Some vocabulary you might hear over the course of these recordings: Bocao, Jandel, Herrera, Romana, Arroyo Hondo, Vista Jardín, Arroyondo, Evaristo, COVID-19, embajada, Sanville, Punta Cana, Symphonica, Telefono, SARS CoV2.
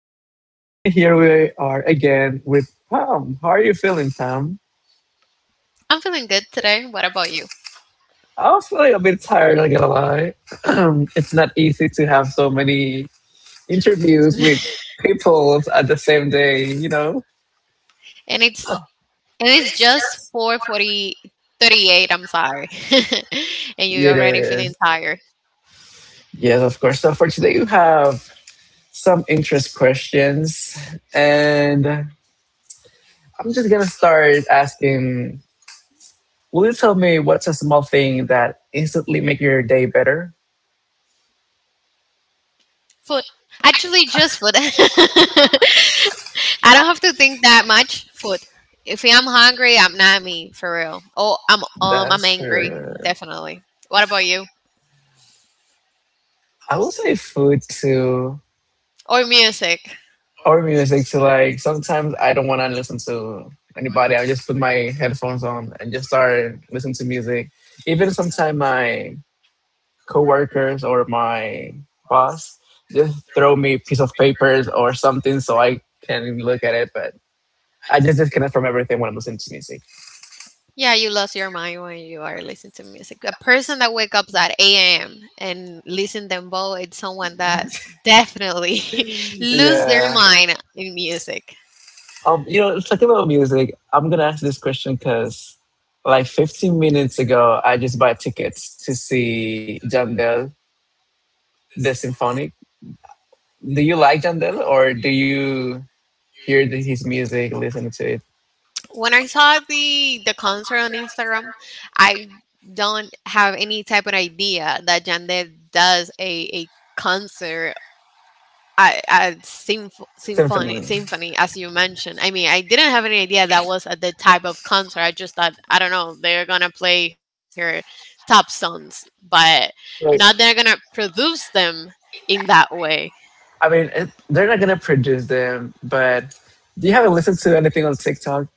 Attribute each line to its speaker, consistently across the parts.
Speaker 1: podcast, and here we are again with Tom. How are you feeling, Tom? I'm feeling a bit tired. Not gonna lie, it's not easy to have so many interviews with people at the same day. You know, it is. Yes, of course. So for today, you have some interest questions, and I'm just gonna start asking. Will you tell me what's a small thing that instantly make your day better? That's for I will say food too or music too. Like sometimes I don't want to listen to anybody. I just put my headphones on and just start listening to music. Even sometimes my coworkers or my boss just throw me a piece of papers or something so I can look at it. But I just disconnect from everything when I'm listening to music. Yeah. Talking about music, I'm gonna ask this question because, like, 15 minutes ago, I just bought tickets to see Jandel, the symphonic. Do you like Jandel, or do you hear his music, listen to it? Symphony. Like, I mean, it, they're not gonna produce them, but do you haven't listened to anything on TikTok?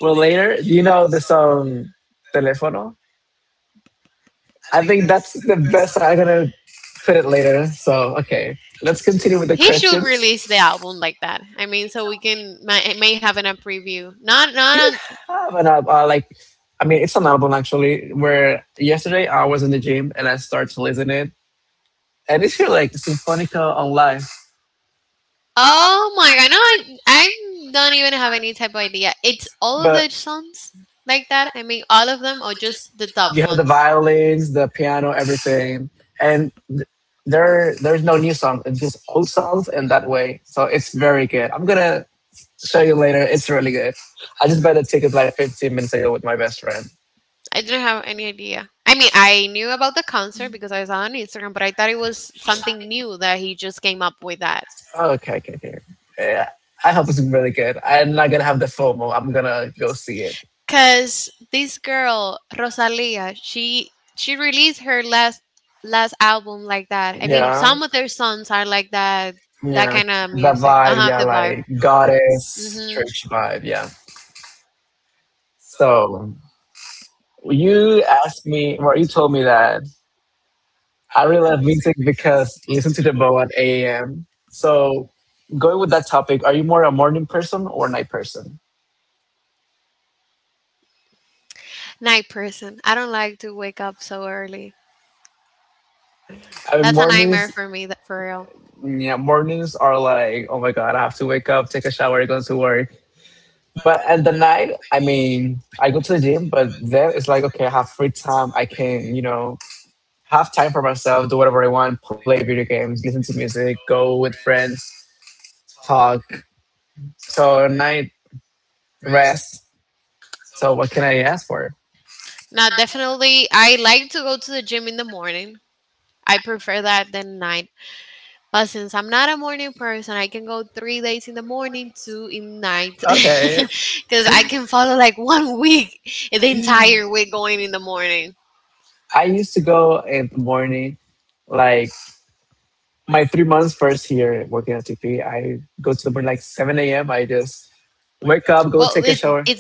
Speaker 1: Well, later, do you know the song "Telefono"? I think that's the best. I'm gonna put it later. So okay, let's continue with the questions. You have an album, like I mean, it's an album actually. Where yesterday I was in the gym and I started to listen it, and it's feel like Symphonica on live. You have the violins, the piano, everything, and there's no new songs. It's just old songs, and that way, so it's very good. I'm gonna show you later. It's really good. I just bought the tickets like 15 minutes ago with my best friend. Okay, okay, okay. Yeah, I hope it's really good. I'm not gonna have the FOMO. I'm gonna go see it. Yeah, yeah, the vibe. Yeah, like goddess church vibe. Yeah. So you asked me, or you told me that I really love music because listen to the bow at 8 a.m. So, going with that topic, are you more a morning person or a night person? I mean, mornings, yeah, mornings are like, oh my God, I have to wake up, take a shower, go to work. But at the night, I mean, I go to the gym, but then it's like, okay, I have free time. I can, you know, have time for myself, do whatever I want, play video games, listen to music, go with friends, talk. So, at night, rest. So what can I ask for? Okay. I used to go in the morning, like my 3 months first here working at T P. I go to the morning like 7 a.m. I just wake up, go take a shower.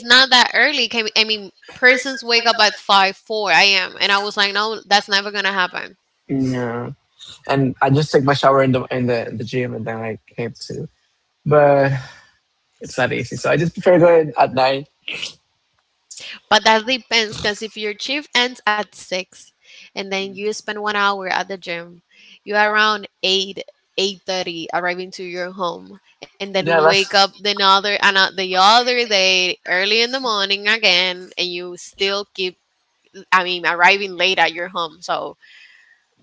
Speaker 1: Yeah. And I just take my shower in the gym and then I came to. But it's not easy. So I just prefer going at night. Yeah, let's.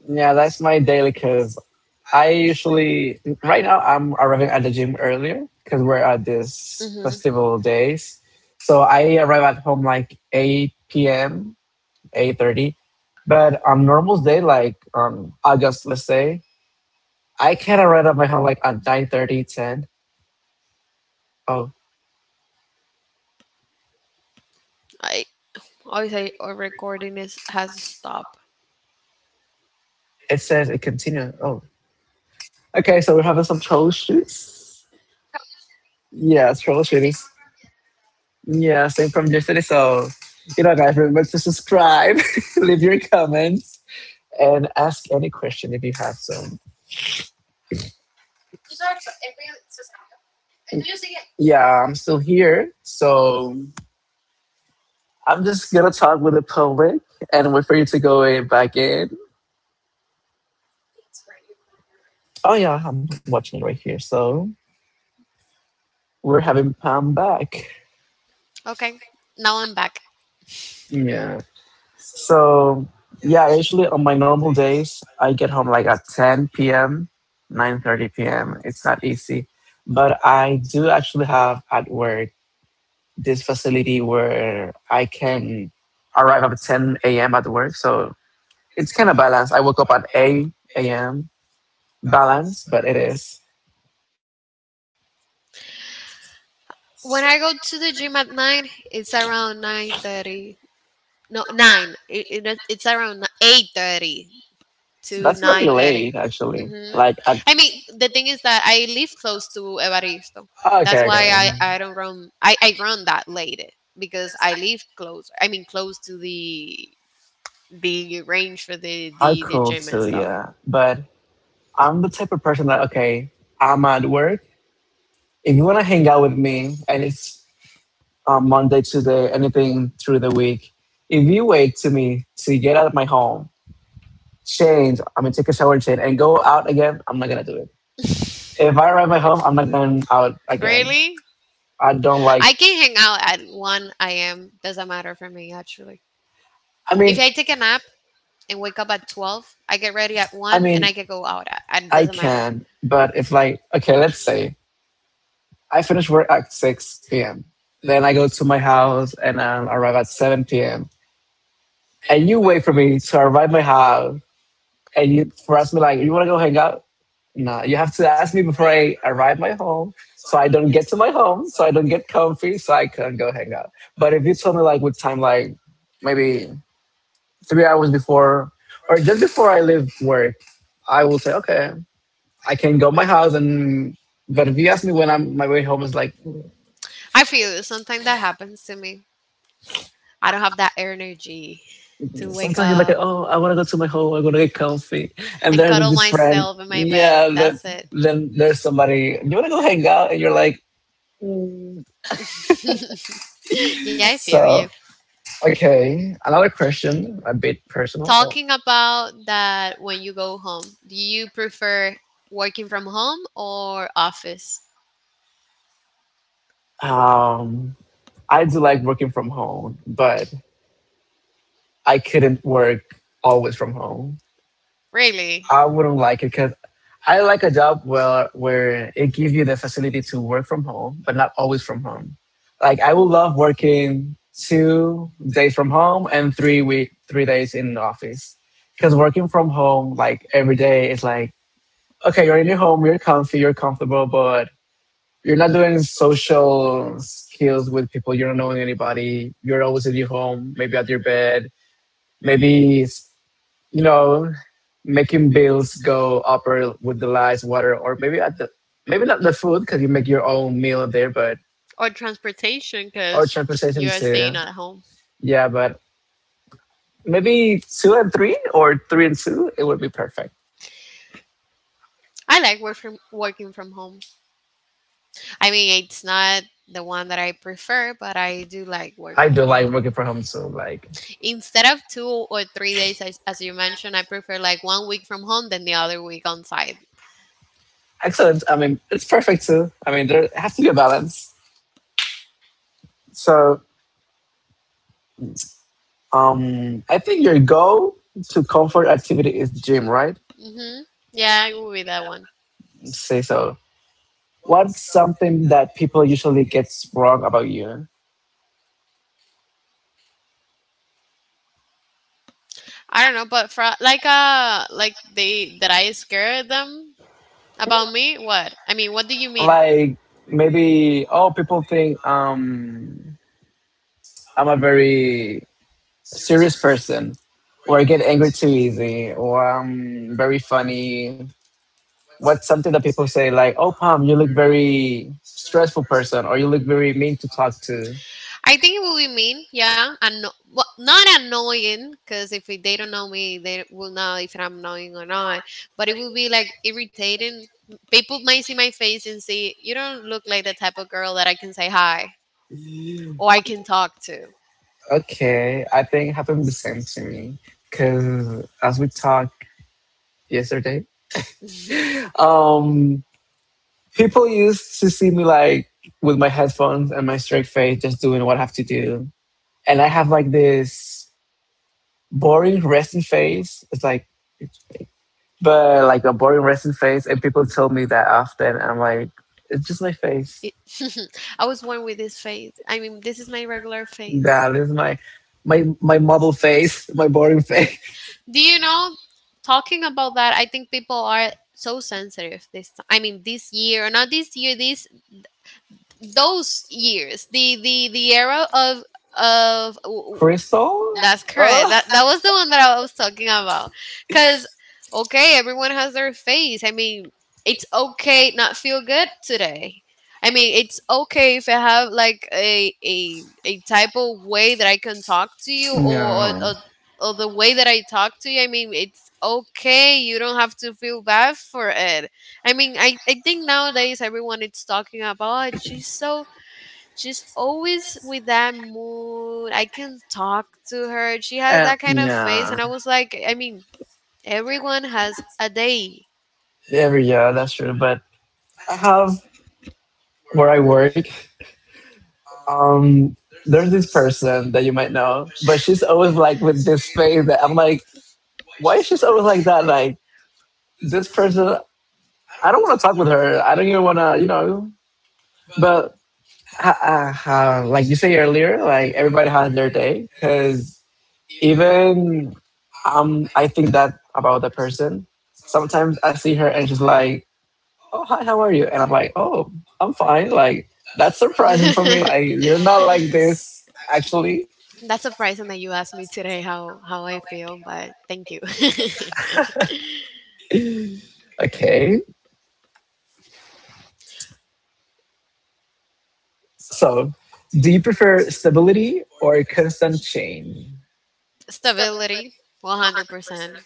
Speaker 1: Yeah, that's my daily because I usually right now I'm arriving at the gym earlier because we're at this festival days. So I arrive at home like eight p.m., 8:30. But on normal day, like August, let's say, I can arrive at my home like at 9:30. It says it continues. Oh, okay. So we're having some troll shoots. Yeah, troll shootings. Yeah, same from yesterday. So, you know, guys, remember to subscribe, leave your comments, and ask any question if you have some. Yeah, I'm still here. So I'm just going to talk with the public and wait for you to go in, back in. Oh, yeah, I'm watching it right here. So we're having Pam back.
Speaker 2: Okay, now I'm back.
Speaker 1: Yeah. So yeah, usually on my normal days, I get home like at 10 p.m., 9:30 p.m. It's not easy, but I do actually have at work this facility where I can arrive at 10 a.m. at work. So it's kind of balanced. I woke up at 8 a.m. Balanced, but it is.
Speaker 2: When I go to the gym at nine, it's around 9:30. No, nine. It's around 8:30
Speaker 1: So
Speaker 2: to
Speaker 1: that's very
Speaker 2: 9:30.
Speaker 1: late actually.
Speaker 2: Mm-hmm.
Speaker 1: Like at
Speaker 2: I mean, the thing is that I live close to Evaristo.
Speaker 1: oh,
Speaker 2: That's
Speaker 1: okay,
Speaker 2: why
Speaker 1: okay.
Speaker 2: I don't run. I run that late because I live close. I mean, close to the range for the
Speaker 1: I
Speaker 2: the, the
Speaker 1: cool
Speaker 2: gym and
Speaker 1: too,
Speaker 2: stuff.
Speaker 1: yeah. But I'm the type of person that okay, I'm at work. If you want to hang out with me, and it's Monday, Tuesday, anything through the week, if you wait to me to get out of my home, change, I mean, take a shower and change, and go out again, I'm not gonna do it. If I arrive at my home, I'm not going out again.
Speaker 2: Really?
Speaker 1: I don't like.
Speaker 2: I can hang out at 1 a.m. Doesn't matter for me, actually.
Speaker 1: I
Speaker 2: If
Speaker 1: mean,
Speaker 2: I take a nap and wake up at 12, I get ready at
Speaker 1: I
Speaker 2: 1 and
Speaker 1: mean,
Speaker 2: I can go out. It
Speaker 1: I
Speaker 2: doesn't matter.
Speaker 1: can, but if like okay, let's say I finish work at 6 p.m. Then I go to my house and arrive at 7 p.m. And you wait for me to arrive at my house and you for ask me like, you want to go hang out? No, you have to ask me before I arrive my home. So I don't get to my home, so I don't get comfy, so I can go hang out. But if you told me like what time, like maybe 3 hours before or just before I leave work, I will say, okay, I can go to my house and. But if you ask me when I'm my way home is like
Speaker 2: I feel sometimes that happens to me. I don't have that energy to wake
Speaker 1: sometimes you're like,
Speaker 2: up
Speaker 1: oh, I want to go to my home. I am going to get comfy. And
Speaker 2: and
Speaker 1: there's
Speaker 2: cuddle
Speaker 1: this friend.
Speaker 2: myself in my
Speaker 1: Yeah.
Speaker 2: bed. That's it.
Speaker 1: Then there's somebody. You want to go hang out? And you're like,
Speaker 2: Yeah, I feel you.
Speaker 1: so okay. Another question, a bit personal. Well,
Speaker 2: Talking about that, when you go home, do you prefer working from home or office?
Speaker 1: Um, I do like working from home, but I couldn't work always from home.
Speaker 2: Really?
Speaker 1: I wouldn't like it because I like a job where it gives you the facility to work from home, but not always from home. Like I would love working 2 days from home and 3 days in the office. Because working from home like every day is like okay, you're in your home, you're comfy, you're comfortable, but you're not doing social skills with people. You're not knowing anybody. You're always in your home, maybe at your bed, maybe you know, making bills go up or with the lights, water, or maybe at the maybe not the food because you make your own meal there, but
Speaker 2: Or transportation,
Speaker 1: or
Speaker 2: because you
Speaker 1: transportation
Speaker 2: are
Speaker 1: too.
Speaker 2: staying at home.
Speaker 1: Yeah, but maybe two and three or three and two, it would be perfect.
Speaker 2: I like working from home. I mean, it's not the one that I prefer, but I do like
Speaker 1: I
Speaker 2: working
Speaker 1: do
Speaker 2: from
Speaker 1: like
Speaker 2: home.
Speaker 1: working from home too. Like
Speaker 2: Instead of 2 or 3 days, as you mentioned, I prefer like 1 week from home, then the other week on site.
Speaker 1: excellent. I mean, it's perfect too. I mean, there has to be a balance. So I think your goal to comfort activity is gym, right?
Speaker 2: Mm-hmm. Yeah, it would be that one.
Speaker 1: Say so. What's something that people usually gets wrong about you?
Speaker 2: I don't know, but for like they that I scared them about me. What? I mean, what do you mean?
Speaker 1: Like maybe oh people think I'm a very serious person or I get angry too easy or I'm very funny. What's something that people say like oh Pam you look very stressful person or you look very mean to talk to?
Speaker 2: I think it will be mean, yeah, and well, not annoying, because if they don't know me, they will know if I'm annoying or not. But it will be like irritating. People may see my face and say, "You don't look like the type of girl that I can say hi
Speaker 1: Yeah.
Speaker 2: or I can talk to."
Speaker 1: Okay I think it happened the same to me because as we talked yesterday um people used to see me like with my headphones and my straight face just doing what I have to do and I have like this boring resting face. It's like, but like a boring resting face, and people tell me that often. And I'm like, it's just my face.
Speaker 2: It- I was born with this face. I mean, this is my regular face.
Speaker 1: That is my model face, my boring face.
Speaker 2: Do you know? Talking about that, I think people are so sensitive this. Time. I mean, this year, not this year, this those years the era of
Speaker 1: Crystal.
Speaker 2: that's correct,
Speaker 1: Ugh.
Speaker 2: that that was the one that I was talking about. Because okay, everyone has their phase. I mean, it's okay not feel good today. I mean, it's okay if I have like a type of way that I can talk to you or, or,
Speaker 1: Yeah.
Speaker 2: or or the way that I talk to you, I mean, it's okay. You don't have to feel bad for it. I mean, I think nowadays everyone is talking about, oh, she's so, she's always with that mood. I can talk to her. She has that kind of face, and I
Speaker 1: Yeah.
Speaker 2: was like, I mean, everyone has a day.
Speaker 1: Every year, that's true. But I have where I work. Um, there's this person that you might know, but she's always like with this face that I'm like, why is she so like that? Like this person, I don't want to talk with her. I don't even want to, you know. But like you say earlier, like everybody has their day. Because even I think that about the person. Sometimes I see her and she's like, "Oh hi, how are you?" And I'm like, "Oh, I'm fine." Like that's surprising for me. Like you're not like this actually.
Speaker 2: That's surprising that you asked me today how I feel, but thank you.
Speaker 1: Okay, so do you prefer stability or constant change?
Speaker 2: Stability, 100%.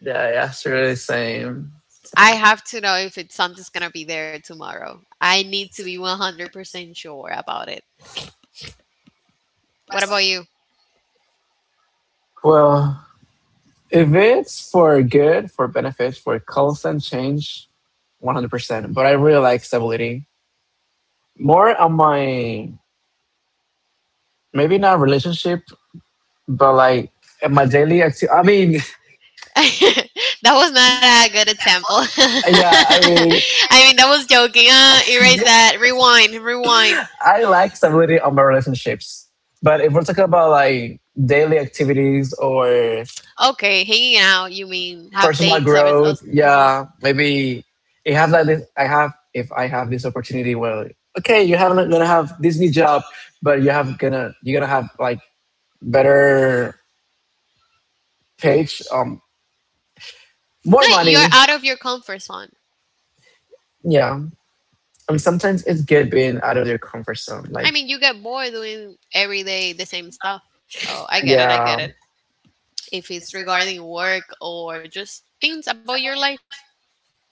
Speaker 1: Yeah, yeah, sure. Same, same.
Speaker 2: I have to know if it's something's gonna be there tomorrow. I need to be 100% sure about it. What about you?
Speaker 1: Well, if it's for good, for benefits, for constant change, 100%. But I really like stability. More on my, maybe not relationship, but like in my daily activity. I mean,
Speaker 2: That was not a good example.
Speaker 1: yeah, I mean,
Speaker 2: I mean, that was joking. Erase that. Rewind. Rewind.
Speaker 1: I like stability on my relationships. But if we're talking about like daily activities or
Speaker 2: Okay, hanging out. You mean have
Speaker 1: personal
Speaker 2: dates or? Or
Speaker 1: growth.
Speaker 2: mhm.
Speaker 1: Yeah, maybe I have like this. I have if I have this opportunity. Well, okay, you haven't gonna have this new job, but you're gonna have like better page, more
Speaker 2: No,
Speaker 1: money.
Speaker 2: you're out of your comfort zone.
Speaker 1: Yeah, and sometimes it's good being out of your comfort zone.
Speaker 2: I
Speaker 1: Like
Speaker 2: mean, you get bored doing every day the same stuff. So I get it. I get
Speaker 1: yeah,
Speaker 2: it. If it's regarding work or just things about your life,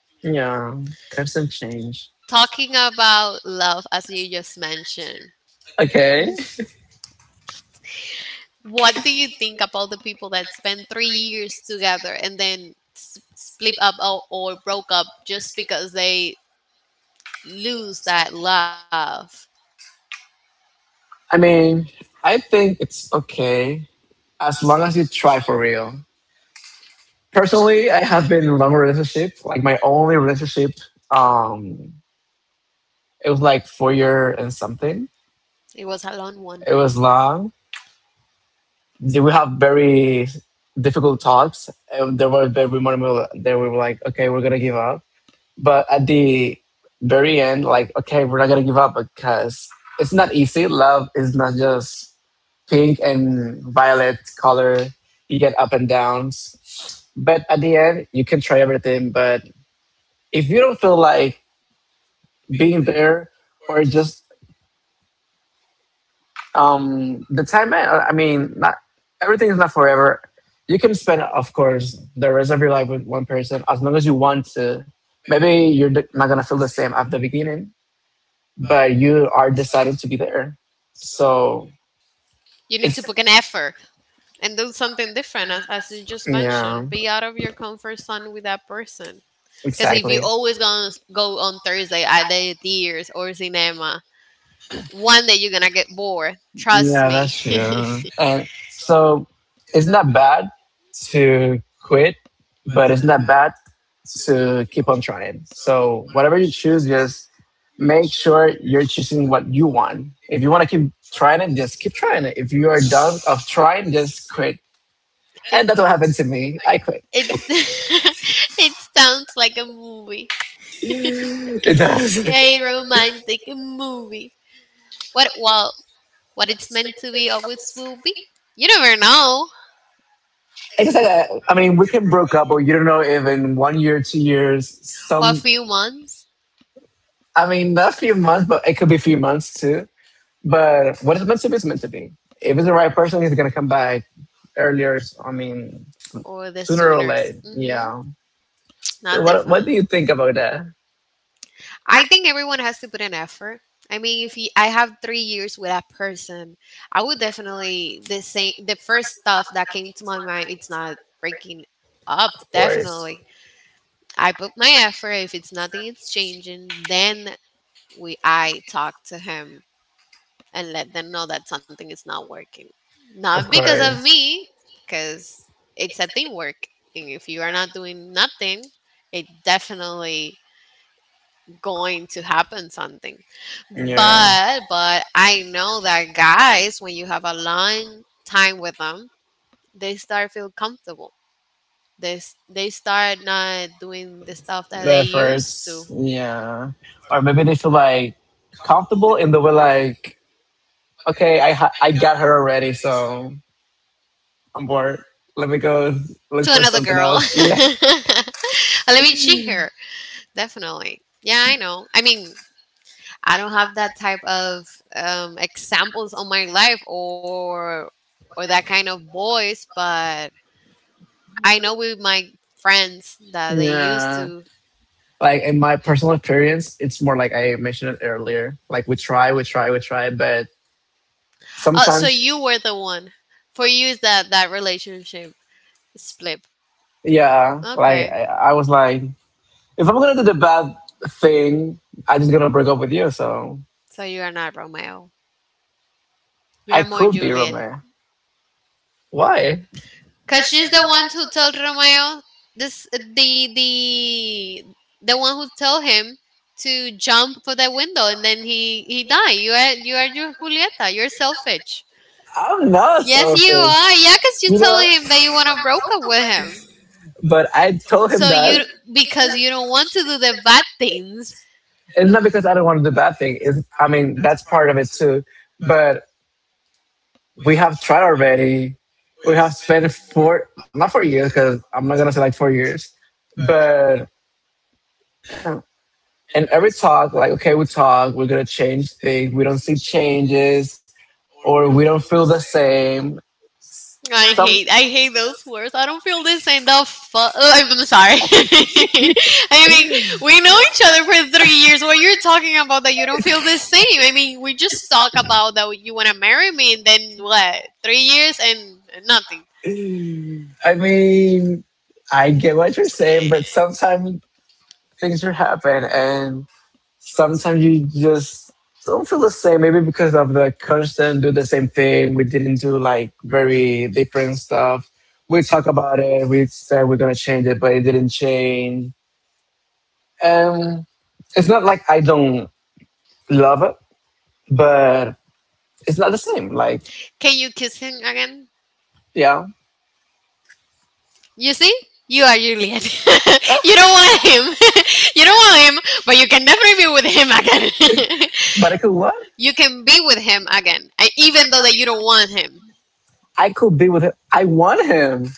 Speaker 1: yeah, constant change.
Speaker 2: talking about love, as you just mentioned.
Speaker 1: Okay,
Speaker 2: What do you think about the people that spend 3 years together and then split up or broke up just because they lose that love?
Speaker 1: I mean, I think it's okay as long as you try for real. Personally, I have been in long relationship. Like my only relationship, um, it was like 4 year and something.
Speaker 2: It was a long one.
Speaker 1: It was long. Did we have very difficult talks. There was very moments there we were like, okay, we're gonna give up. But at the very end, like, okay, we're not gonna give up because it's not easy. Love is not just pink and violet color. You get up and downs. But at the end, you can try everything. But if you don't feel like being there or just, I mean, not everything is not forever, you can spend of course the rest of your life with one person as long as you want to. Maybe you're not gonna feel the same at the beginning, but you are decided to be there. So,
Speaker 2: You need to
Speaker 1: it's
Speaker 2: put an effort and do something different, as you just mentioned.
Speaker 1: yeah,
Speaker 2: Be out of your comfort zone with that person. Because if you
Speaker 1: exactly.
Speaker 2: always gonna go on Thursday at the theaters or cinema, one day you're gonna get bored. Trust
Speaker 1: Yeah,
Speaker 2: me.
Speaker 1: that's true. And so it's not bad to quit, but it's not bad to keep on trying. So whatever you choose, just make sure you're choosing what you want. If you want to keep trying it, just keep trying it. If you are done of trying, just quit. And that's what
Speaker 2: I
Speaker 1: happened
Speaker 2: quit.
Speaker 1: to me. I quit.
Speaker 2: It's it sounds like a movie.
Speaker 1: It does.
Speaker 2: A romantic movie. What, well, what it's meant to be always will be. You never know.
Speaker 1: I guess I mean we can broke up, or you don't know if in 1 year, 2 years,
Speaker 2: A
Speaker 1: some.
Speaker 2: few months
Speaker 1: I mean, not a few months, but it could be few months too. But what is meant to be is meant to be. If it's the right person, he's gonna come back earlier. I mean,
Speaker 2: or
Speaker 1: sooner or later.
Speaker 2: hmm.
Speaker 1: Yeah.
Speaker 2: Yeah.
Speaker 1: So,
Speaker 2: Not
Speaker 1: what do you think about that?
Speaker 2: I think everyone has to put an effort. I mean, if you, I have 3 years with a person, I would definitely the same. The first stuff that came to my mind, it's not breaking up.
Speaker 1: Of course.
Speaker 2: Definitely, I put my effort. If it's nothing, it's changing. Then I talk to him and let them know that something is not working.
Speaker 1: Of
Speaker 2: Not because of
Speaker 1: course.
Speaker 2: me, because it's a teamwork. And if you are not doing nothing, it definitely going to happen something.
Speaker 1: Yeah.
Speaker 2: But I know that guys, when you have a long time with them, they start feel comfortable. They start not doing the stuff that
Speaker 1: The
Speaker 2: they used
Speaker 1: efforts. Yeah. Or maybe they feel like comfortable in the way like, okay, I got her already, so I'm bored. Let me go
Speaker 2: to
Speaker 1: look for
Speaker 2: another
Speaker 1: something
Speaker 2: girl.
Speaker 1: else. Yeah.
Speaker 2: Let me cheat her. Definitely. Yeah, I know. I mean, I don't have that type of examples on my life or that kind of boys, but I know with my friends that they used
Speaker 1: Yeah.
Speaker 2: to.
Speaker 1: Like in my personal experience, it's more like I mentioned it earlier. Like we try, we try, we try, but
Speaker 2: Oh, so
Speaker 1: sometimes,
Speaker 2: you were the one. For you, is that relationship split?
Speaker 1: yeah. Like
Speaker 2: Okay,
Speaker 1: I was like, if I'm gonna do the bad thing, I'm just gonna break up with you. So
Speaker 2: so you are not Romeo. You
Speaker 1: I
Speaker 2: are more
Speaker 1: could be
Speaker 2: Juliet.
Speaker 1: Romeo. Why?
Speaker 2: Cause she's the one who told Romeo this the the one who told him to jump for the window and then he died. You are Julieta. You're selfish.
Speaker 1: I'm not
Speaker 2: Yes, you
Speaker 1: selfish.
Speaker 2: are. Yeah, cause you
Speaker 1: You know.
Speaker 2: telling him that you wanna broke up with him.
Speaker 1: But I told him
Speaker 2: So
Speaker 1: that
Speaker 2: you because you don't want to do the bad things.
Speaker 1: it's not because I don't want to do bad thing. I mean, that's part of it too. But we have tried already. We have spent four, not 4 years, because I'm not going to say like 4 years. But in every talk, like, okay, we talk, we're going to change things. We don't see changes or we don't feel the same. Some,
Speaker 2: I hate those words. I don't feel this in the fuck. I'm sorry. I mean,
Speaker 1: We're We
Speaker 2: we know
Speaker 1: were like
Speaker 2: each
Speaker 1: other
Speaker 2: other for three
Speaker 1: for three
Speaker 2: years.
Speaker 1: years.
Speaker 2: What you're talking about that you don't
Speaker 1: Where you're
Speaker 2: feel
Speaker 1: talking
Speaker 2: the same.
Speaker 1: about?
Speaker 2: I mean, we just
Speaker 1: Just
Speaker 2: talk
Speaker 1: talk about
Speaker 2: about that you want to marry me, and then what? 3 years and nothing.
Speaker 1: it for, I mean, I get what you're saying, but sometimes things are happen, and sometimes you just don't feel the same. Maybe because of the constant do the same thing. We didn't do like very different stuff. We talk about it. We said we're gonna change it, but it didn't change. Um, it's not like I don't love it, but it's not the same. Like,
Speaker 2: Can you kiss him again?
Speaker 1: yeah.
Speaker 2: You see? You are Juliet.
Speaker 1: Eh,
Speaker 2: You don't want him. You don't want him, but you can definitely be with him again.
Speaker 1: but I could what?
Speaker 2: You can be with him again, even though that you don't want him.
Speaker 1: I could be with him. I want him,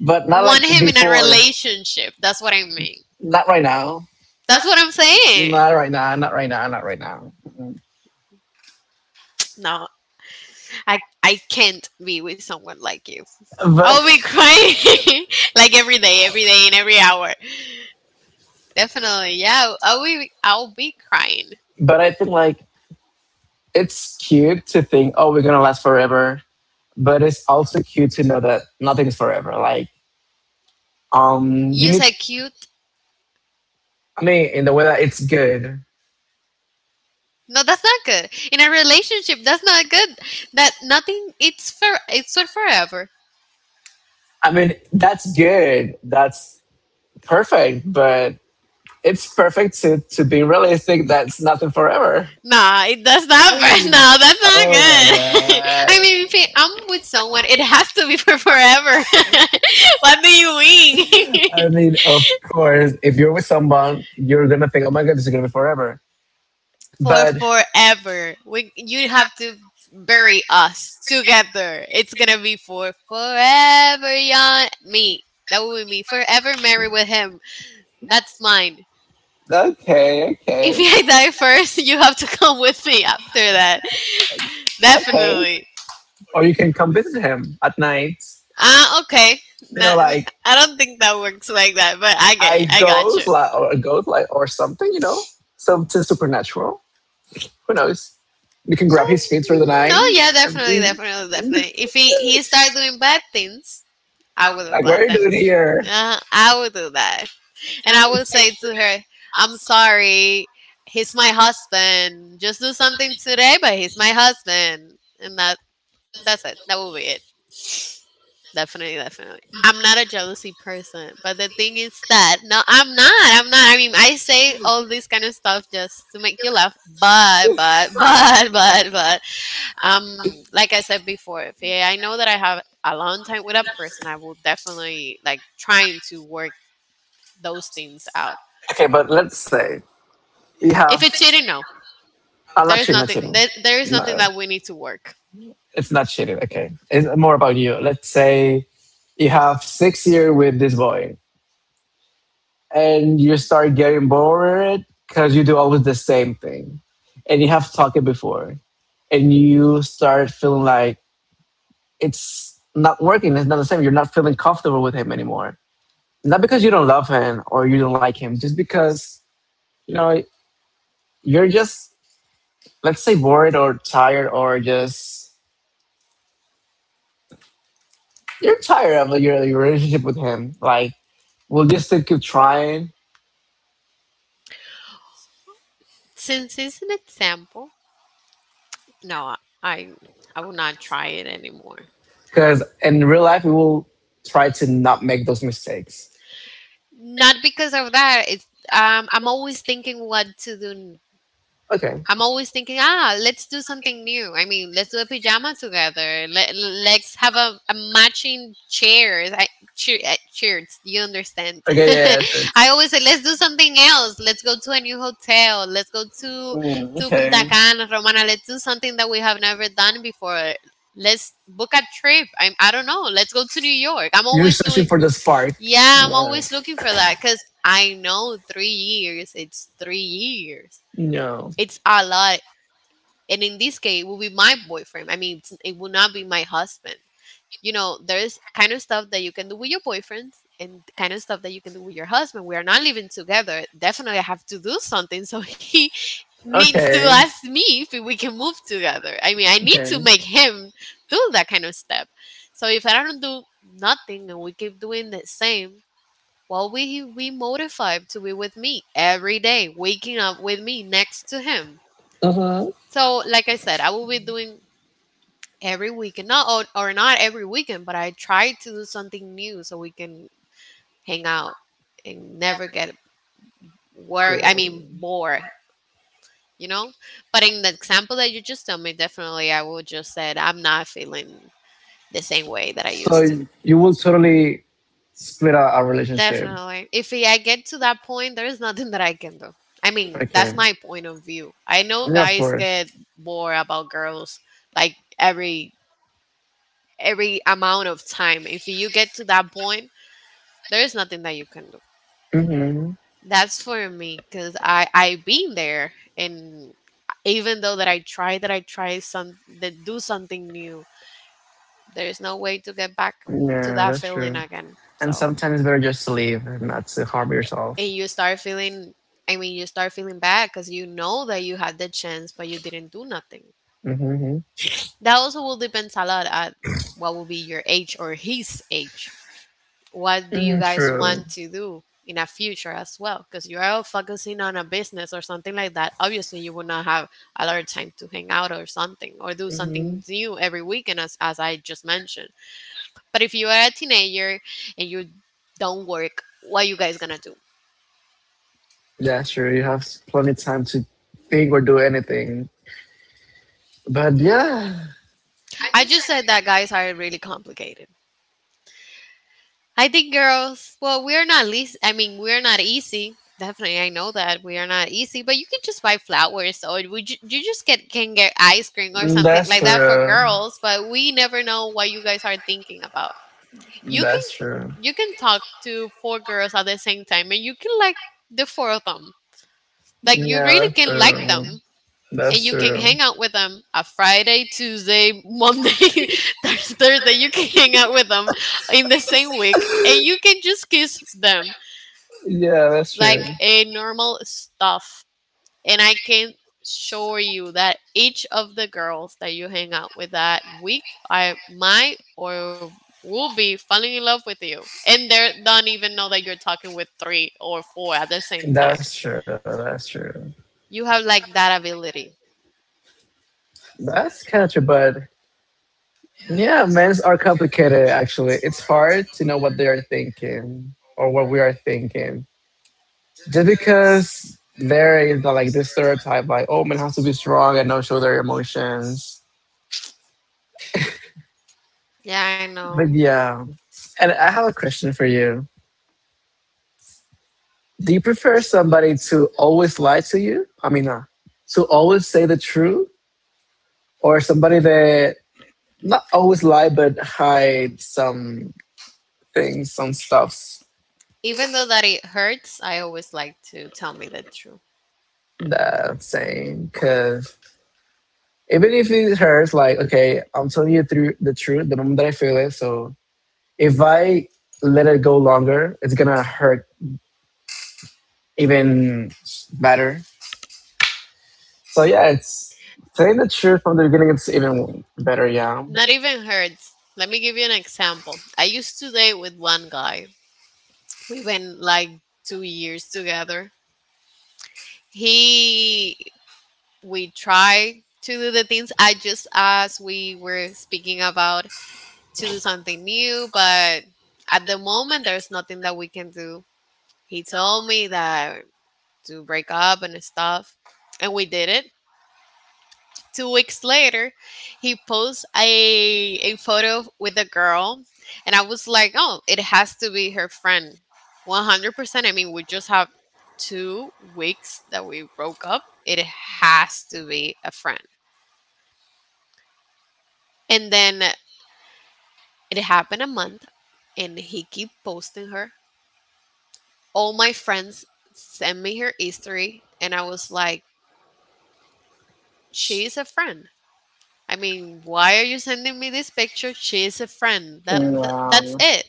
Speaker 1: but not like
Speaker 2: Want him in a
Speaker 1: before.
Speaker 2: relationship. That's what I mean.
Speaker 1: Not right now.
Speaker 2: That's what I'm saying.
Speaker 1: Not right now. Not right now. Not right now. Mm.
Speaker 2: No, I can't be with someone like you.
Speaker 1: But
Speaker 2: I'll be crying like every day, and every hour. Definitely, yeah. I'll be crying.
Speaker 1: but I think like it's cute to think, oh, we're gonna last forever. But it's also cute to know that nothing's forever. Like, you
Speaker 2: You
Speaker 1: need.
Speaker 2: said cute.
Speaker 1: I mean, in the way that it's good.
Speaker 2: No, that's not good. In a relationship, that's not good. That nothing. It's for. It's for forever.
Speaker 1: I mean, that's good. That's perfect, but it's perfect to be realistic. That's nothing forever.
Speaker 2: Nah, it does not. For, no, that's
Speaker 1: Oh my
Speaker 2: not good.
Speaker 1: God.
Speaker 2: I mean, if I'm with someone, it has to be for forever. What do you mean?
Speaker 1: I mean, of course, if you're with someone, you're going to think, oh my God, this is going to be forever.
Speaker 2: For
Speaker 1: But
Speaker 2: forever. We. You have to bury us together. It's gonna be for forever, young me. That will be me. Forever married with him. That's mine.
Speaker 1: okay,
Speaker 2: If
Speaker 1: okay,
Speaker 2: I die first, you have to come with me after that.
Speaker 1: okay.
Speaker 2: Definitely.
Speaker 1: Or you can come visit him at night.
Speaker 2: Ah, okay.
Speaker 1: They're
Speaker 2: Not,
Speaker 1: like, I
Speaker 2: I don't think that
Speaker 1: don't
Speaker 2: works like that, but
Speaker 1: think that works like that,
Speaker 2: I
Speaker 1: but I, I,
Speaker 2: get you.
Speaker 1: I
Speaker 2: I got
Speaker 1: goes
Speaker 2: you.
Speaker 1: like or a goat like or something, you know. So to supernatural. Who knows? You can
Speaker 2: No,
Speaker 1: grab his feet through the
Speaker 2: mhm.
Speaker 1: night.
Speaker 2: No,
Speaker 1: Oh, yeah,
Speaker 2: yeah,
Speaker 1: and
Speaker 2: definitely,
Speaker 1: eat it.
Speaker 2: definitely, definitely. If he he start doing bad things, I will
Speaker 1: Like
Speaker 2: do
Speaker 1: what are
Speaker 2: that
Speaker 1: you doing
Speaker 2: then.
Speaker 1: here?
Speaker 2: I will do that, and I will say to her, "I'm sorry. He's my husband. Just do something today, but he's my husband." And that that's it. That will be it. Definitely, definitely. I'm not a jealousy person, but the thing is that no, I'm not. I'm not. I mean, I say all this kind of stuff just to make you laugh, but but like I said before, if I know that I have a long time with a person, I will definitely like trying to work those things out.
Speaker 1: Okay, but let's say you have.
Speaker 2: If it's cheating, no,
Speaker 1: I'm not
Speaker 2: there
Speaker 1: cheating,
Speaker 2: is
Speaker 1: not cheating.
Speaker 2: nothing. There is nothing
Speaker 1: No.
Speaker 2: that we need to work.
Speaker 1: It's not cheating, okay. It's more about you. Let's say you have 6 years with this boy, and you start getting bored because you do always the same thing, and you have talked it before, and you start feeling like it's not working, it's not the same, you're not feeling comfortable with him anymore, not because you don't love him or you don't like him, just because, you know you're just, let's say, bored or tired or just you're tired of your relationship with him, like, we'll just still keep trying,
Speaker 2: Since it's an example, no, I I will not try it anymore.
Speaker 1: because in real life we will try to not make those mistakes.
Speaker 2: Not because of that. It's I'm always thinking what to do
Speaker 1: Okay,
Speaker 2: I'm always thinking, ah, let's do something new. I mean, let's do a pajama together. Let's have a matching chairs. I, cheer, shirts, you understand.
Speaker 1: okay. Yeah, yeah, sure.
Speaker 2: I always say, let's do something else. Let's go to a new hotel. Let's go
Speaker 1: Mm,
Speaker 2: to Punta
Speaker 1: okay.
Speaker 2: Cana, Romana. Let's do something that we have never done before. Let's book a trip. I'm, I don't know. Let's go to New York. I'm
Speaker 1: You're
Speaker 2: always
Speaker 1: searching
Speaker 2: doing.
Speaker 1: for the spark.
Speaker 2: Yeah, I'm
Speaker 1: Yeah.
Speaker 2: always looking for that because I know 3 years. It's 3 years.
Speaker 1: No.
Speaker 2: It's a lot, and in this case it will be my boyfriend. I mean, it will not be my husband. You know, there's kind of stuff that you can do with your boyfriend and kind of stuff that you can do with your husband. We are not living together, definitely. I have to do something, so he needs to
Speaker 1: Okay.
Speaker 2: ask me if we can move together. I mean, I need to
Speaker 1: Okay.
Speaker 2: make him do that kind of step. So if I don't do nothing and we keep doing the same, well, we motivated to be with me every day, waking up with me next to him.
Speaker 1: uh huh.
Speaker 2: So, like I said, I will be doing every weekend, not or not every weekend, but I try to do something new so we can hang out and never get bored, you know. But in the example that you just told me, definitely, I would just said I'm not feeling the same way that I
Speaker 1: So
Speaker 2: used to.
Speaker 1: you will totally split a relationship.
Speaker 2: Definitely, if I get to that point, there is nothing that I can do. I mean, that's
Speaker 1: Okay.
Speaker 2: my point of view. I know
Speaker 1: Yeah, of
Speaker 2: guys
Speaker 1: course.
Speaker 2: get bored about girls like every amount of time. If you get to that point, there is nothing that you can do.
Speaker 1: Hmm.
Speaker 2: That's for me because I've been there, and even though that I try some that do something new, there is no way to get back to
Speaker 1: Yeah,
Speaker 2: that
Speaker 1: that's
Speaker 2: feeling
Speaker 1: true.
Speaker 2: again.
Speaker 1: And
Speaker 2: So
Speaker 1: sometimes it's better just to leave and not to harm yourself.
Speaker 2: and you start feeling. I mean, you start feeling bad because you know that you had the chance, but you didn't do nothing.
Speaker 1: Mm-hmm.
Speaker 2: That also will depend a lot at what will be your age or his age, what do you
Speaker 1: Mm,
Speaker 2: guys
Speaker 1: true.
Speaker 2: want to do in a future as well, because you're all focusing on a business or something like that. Obviously you would not have a lot of time to hang out or something, or do
Speaker 1: Mhm.
Speaker 2: something new every weekend, as I just mentioned. But if you are a teenager and you don't work, what you guys gonna do?
Speaker 1: Yeah, sure. You have plenty time to think or do anything. But yeah,
Speaker 2: I just said that guys are really complicated. I think girls, well, we're not least, I mean, we're not easy. Definitely, I know that we are not easy, but you can just buy flowers, or you just get can get ice cream or something
Speaker 1: that's
Speaker 2: like that for
Speaker 1: true.
Speaker 2: girls. But we never know what you guys are thinking about. You can
Speaker 1: That's true.
Speaker 2: you can talk to four girls at the same time, and you can like the four of them. Like you
Speaker 1: Yeah,
Speaker 2: really
Speaker 1: that's
Speaker 2: can like
Speaker 1: true.
Speaker 2: them, and
Speaker 1: That's
Speaker 2: you can
Speaker 1: true.
Speaker 2: hang out with them a Friday, Tuesday, Monday, Thursday. You can hang out with them in the same week and you can just kiss them
Speaker 1: Yeah, that's true.
Speaker 2: like a normal stuff. And I can assure you that each of the girls that you hang out with that week I might or will be falling in love with you. And they don't even know that you're talking with three or four at the same time.
Speaker 1: That's true. That's true.
Speaker 2: You have like that ability.
Speaker 1: That's kind of true, but. Yeah, men's are complicated actually. It's hard to know what they are thinking or what we are thinking. Just because there is like this stereotype like, oh men has to be strong and not show their emotions.
Speaker 2: Yeah, I know.
Speaker 1: But yeah. And I have a question for you. Do you prefer somebody to always lie to you? I mean, to always say the truth? Or somebody that not always lie but hide some things, some stuffs
Speaker 2: Even though that it hurts, I always like to tell me the truth.
Speaker 1: that I'm saying, cause even if it hurts, like, okay, I'm telling you through the truth the moment that I feel it. So if I let it go longer, it's gonna hurt even better. So yeah, it's telling the truth from the beginning. It's even better. Yeah.
Speaker 2: Not even hurts. Let me give you an example. I used to date with one guy. We went like 2 years together. He, we tried to do the things I just as we were speaking about, to do something new, but at the moment there's nothing that we can do. He told me that to break up and stuff, and we did it. 2 weeks later, he posts a photo with a girl, and I was like, oh, it has to be her friend, 100%. I mean, we just have 2 weeks that we broke up. It has to be a friend. And then it happened a month, and he keep posting her. All my friends send me her history, and I was like, she is a friend. I mean, why are you sending me this picture? She is a friend. That's
Speaker 1: Wow.
Speaker 2: it.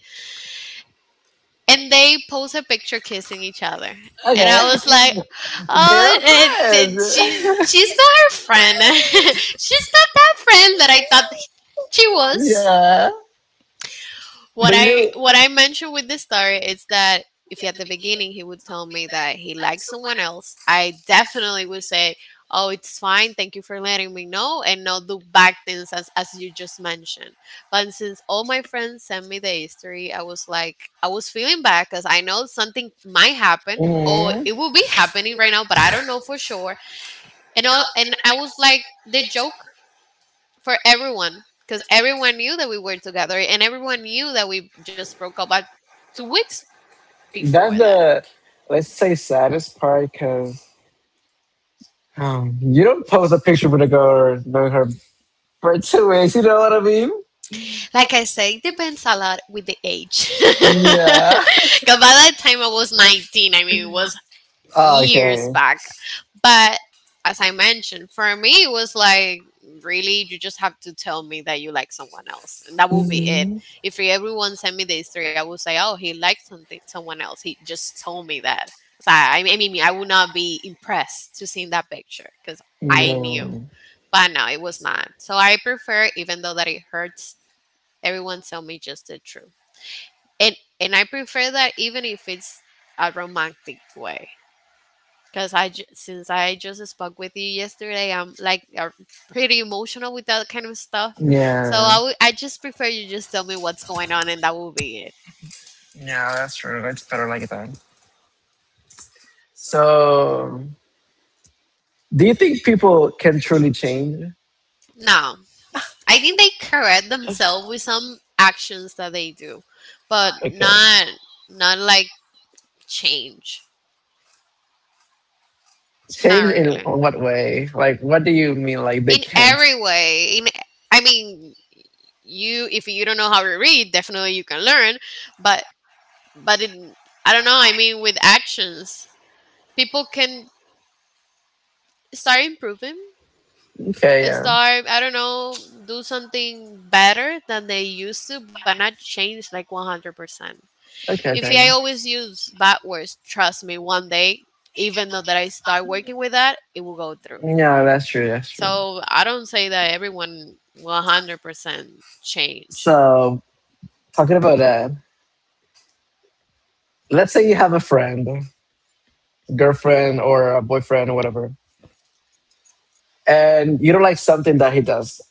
Speaker 2: And they post a picture kissing each other, and
Speaker 1: Okay.
Speaker 2: I was like,
Speaker 1: They're
Speaker 2: oh,
Speaker 1: friends.
Speaker 2: she's not her friend. She's not that friend that I thought she was.
Speaker 1: Yeah.
Speaker 2: What
Speaker 1: But you.
Speaker 2: I mentioned with this story is that if at the beginning he would tell me that he likes someone else, I definitely would say, "Oh, it's fine. Thank you for letting me know," and not do back things as you just mentioned. But since all my friends sent me the history, I was like, I was feeling bad because I know something might happen or
Speaker 1: Mhm.
Speaker 2: it will be happening right now, but I don't know for sure. And I was like, the joke for everyone, because everyone knew that we were together and everyone knew that we just broke up about 2 weeks before
Speaker 1: That's
Speaker 2: that.
Speaker 1: the, let's say, saddest part because, you don't post a picture with a girl knowing her for 2 weeks. You know what I mean?
Speaker 2: Like I say, it depends a lot with the age.
Speaker 1: Yeah.
Speaker 2: Because by that time I was 19. I mean, it was years
Speaker 1: Okay.
Speaker 2: back. But as I mentioned, for me, it was like, really, you just have to tell me that you like someone else, and that will be it.
Speaker 1: Hmm.
Speaker 2: If everyone sent me the history, I would say, oh, he likes someone else. He just told me that. So I would not be impressed to seeing that picture because I knew,
Speaker 1: Yeah.
Speaker 2: but no, it was not. So I prefer, even though that it hurts, everyone tell me just the truth, and I prefer that even if it's a romantic way. Because since I just spoke with you yesterday, I'm like pretty emotional with that kind of stuff. So
Speaker 1: Yeah.
Speaker 2: I just prefer you just tell me what's going on and that will be it.
Speaker 1: Yeah, that's true. It's better like that. So, do you think people can truly change?
Speaker 2: No, I think they correct themselves with some actions that they do, but
Speaker 1: Okay.
Speaker 2: not, not like change. Not
Speaker 1: Change in
Speaker 2: really.
Speaker 1: what way? Like, what do you mean? Like, they
Speaker 2: In
Speaker 1: can't?
Speaker 2: every way. In, I mean, you, if you don't know how to read, definitely you can learn, but but it, I don't know. I mean, with actions, people can start improving.
Speaker 1: Okay. Yeah.
Speaker 2: Start, I don't know, do something better than they used to, but not change like 100%.
Speaker 1: Okay.
Speaker 2: If I
Speaker 1: Okay.
Speaker 2: always use bad words, trust me, one day, even though that I start working with that, it will go through.
Speaker 1: Yeah, that's true. That's true.
Speaker 2: So I don't say that everyone 100% change
Speaker 1: So, talking about that, let's say you have a friend, girlfriend or a boyfriend or whatever, and you don't like something that he does,